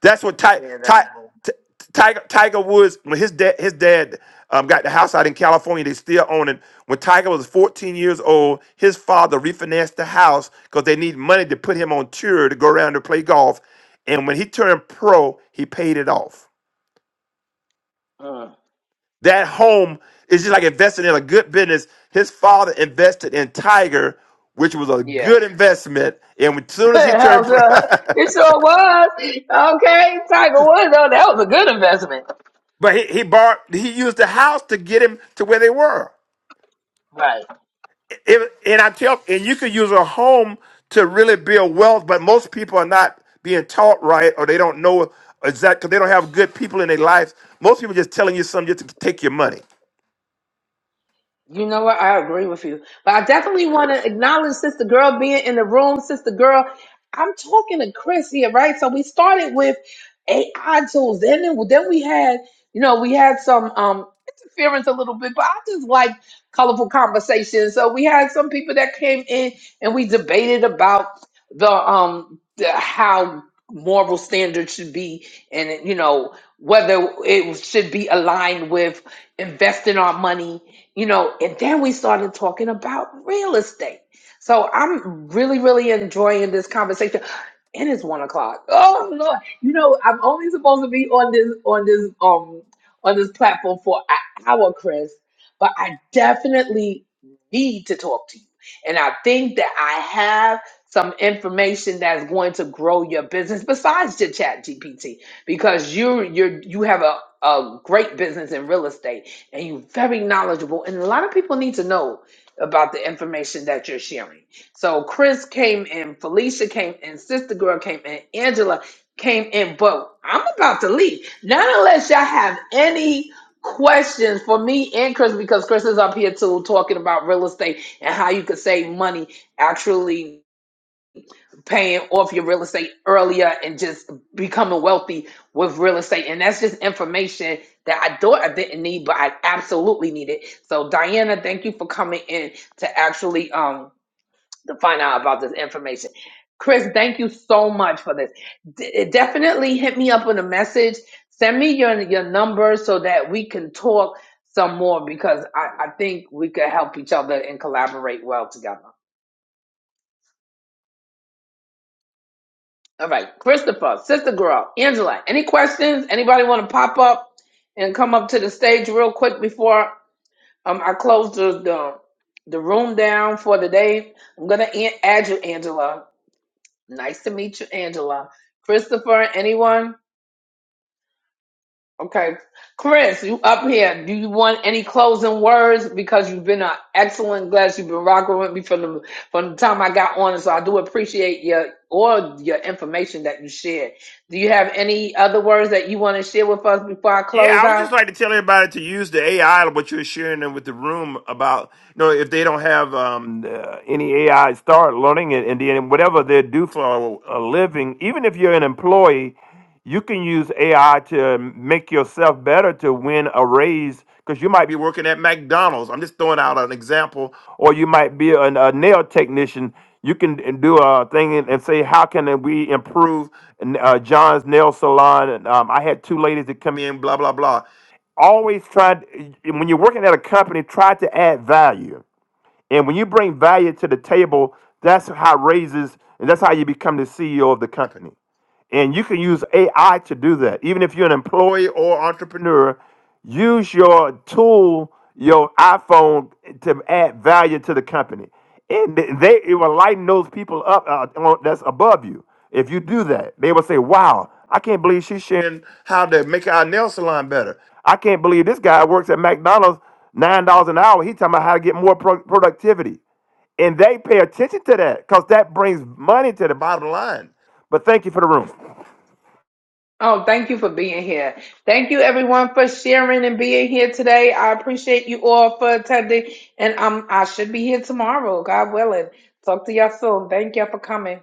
That's what Ty,
Yeah, that
Ty,
I'm
T- Tiger Tiger Woods when his dad his dad um, got the house out in California. They still own it. When Tiger was 14 years old, his father refinanced the house because they need money to put him on tour to go around and play golf. And when he turned pro, he paid it off
Mm.
That home is just like investing in a good business. His father invested in Tiger, which was a
Yeah.
good investment. And as soon as he turned,
Hell, sure. it sure was. Okay, Tiger Woods, though, that was a good investment.
but he, he borrowed, he used the house to get him to where they were.
Right.
It- and I tell, and you could use a home to really build wealth, but most people are not being taught right, or they don't know exact. because they don't have good people in their lives. Most people just telling you something just to take your money.
You know what? I agree with you. But I definitely want to acknowledge Sister Girl being in the room. Sister Girl, I'm talking to Chris here, right? So we started with AI tools. Then, then we had, you know, we had some um interference a little bit, but I just like colorful conversations. So we had some people that came in and we debated about the um the, how moral standards should be and you know whether it should be aligned with investing our money you know, and then we started talking about real estate. So I'm really, really enjoying this conversation. It is one o'clock. Oh Lord, you know I'm only supposed to be on this on this um on this platform for an hour, Chris. But I definitely need to talk to you, and I think that I have some information that's going to grow your business besides your Chat GPT because you you're- you have a a great business in real estate and you're very knowledgeable. And a lot of people need to know about the information that you're sharing. So Chris came in, Felicia came in, Sister Girl came in, Angela came in, but I'm about to leave. Not unless y'all have any questions for me and Chris, because Chris is up here too talking about real estate and how you could save money actually paying off your real estate earlier and just becoming wealthy with real estate. And that's just information that I thought I didn't need, but I absolutely need it. So Diana, thank you for coming in to actually um to find out about this information. Chris, thank you so much for this. D- definitely hit me up with a message. Send me your your number so that we can talk some more because I, I think we could help each other and collaborate well together. All right, Christopher, Sister Girl, Angela, any questions? Anybody want to pop up and come up to the stage real quick before um, I close the, the the room down for the day? I'm gonna an- add you, Angela. Nice to meet you, Angela. Christopher, anyone? Okay. Chris, you up here. Do you want any closing words? Because you've been an excellent guest. You've been rocking with me from the from the time I got on. And So I do appreciate your all your information that you shared. Do you have any other words that you want to share with us before I
Yeah,
close
I would
out?
just like to tell everybody to use the AI, what you're sharing them with the room about, you know, if they don't have um, uh, any AI, start learning it. And then whatever they do for a a living, even if you're an employee, you can use AI to make yourself better to win a raise because you might be working at McDonald's. I'm just throwing out an example, or you might be an, a nail technician. You can uh, do a thing and and say, "How can we improve uh, John's nail salon?" And, um, I had two ladies that come in, blah blah blah. Always try when you're working at a company, try to add value. And when you bring value to the table, that's how raises and that's how you become the CEO of the company. And you can use AI to do that. Even if you're an employee or entrepreneur, use your tool, your iPhone, to add value to the company. And they it will lighten those people up uh, on- that's above you. If you do that, they will say, "Wow, I can't believe she's sharing how to make our nail salon better. I can't believe this guy works at McDonald's nine dollars an hour. He's talking about how to get more pro- productivity." and they pay attention to that because that brings money to the bottom line. But thank you for the room.
Oh, thank you for being here. Thank you everyone for sharing and being here today. I appreciate you all for attending. And um I should be here tomorrow, God willing. Talk to y'all soon. Thank y'all for coming.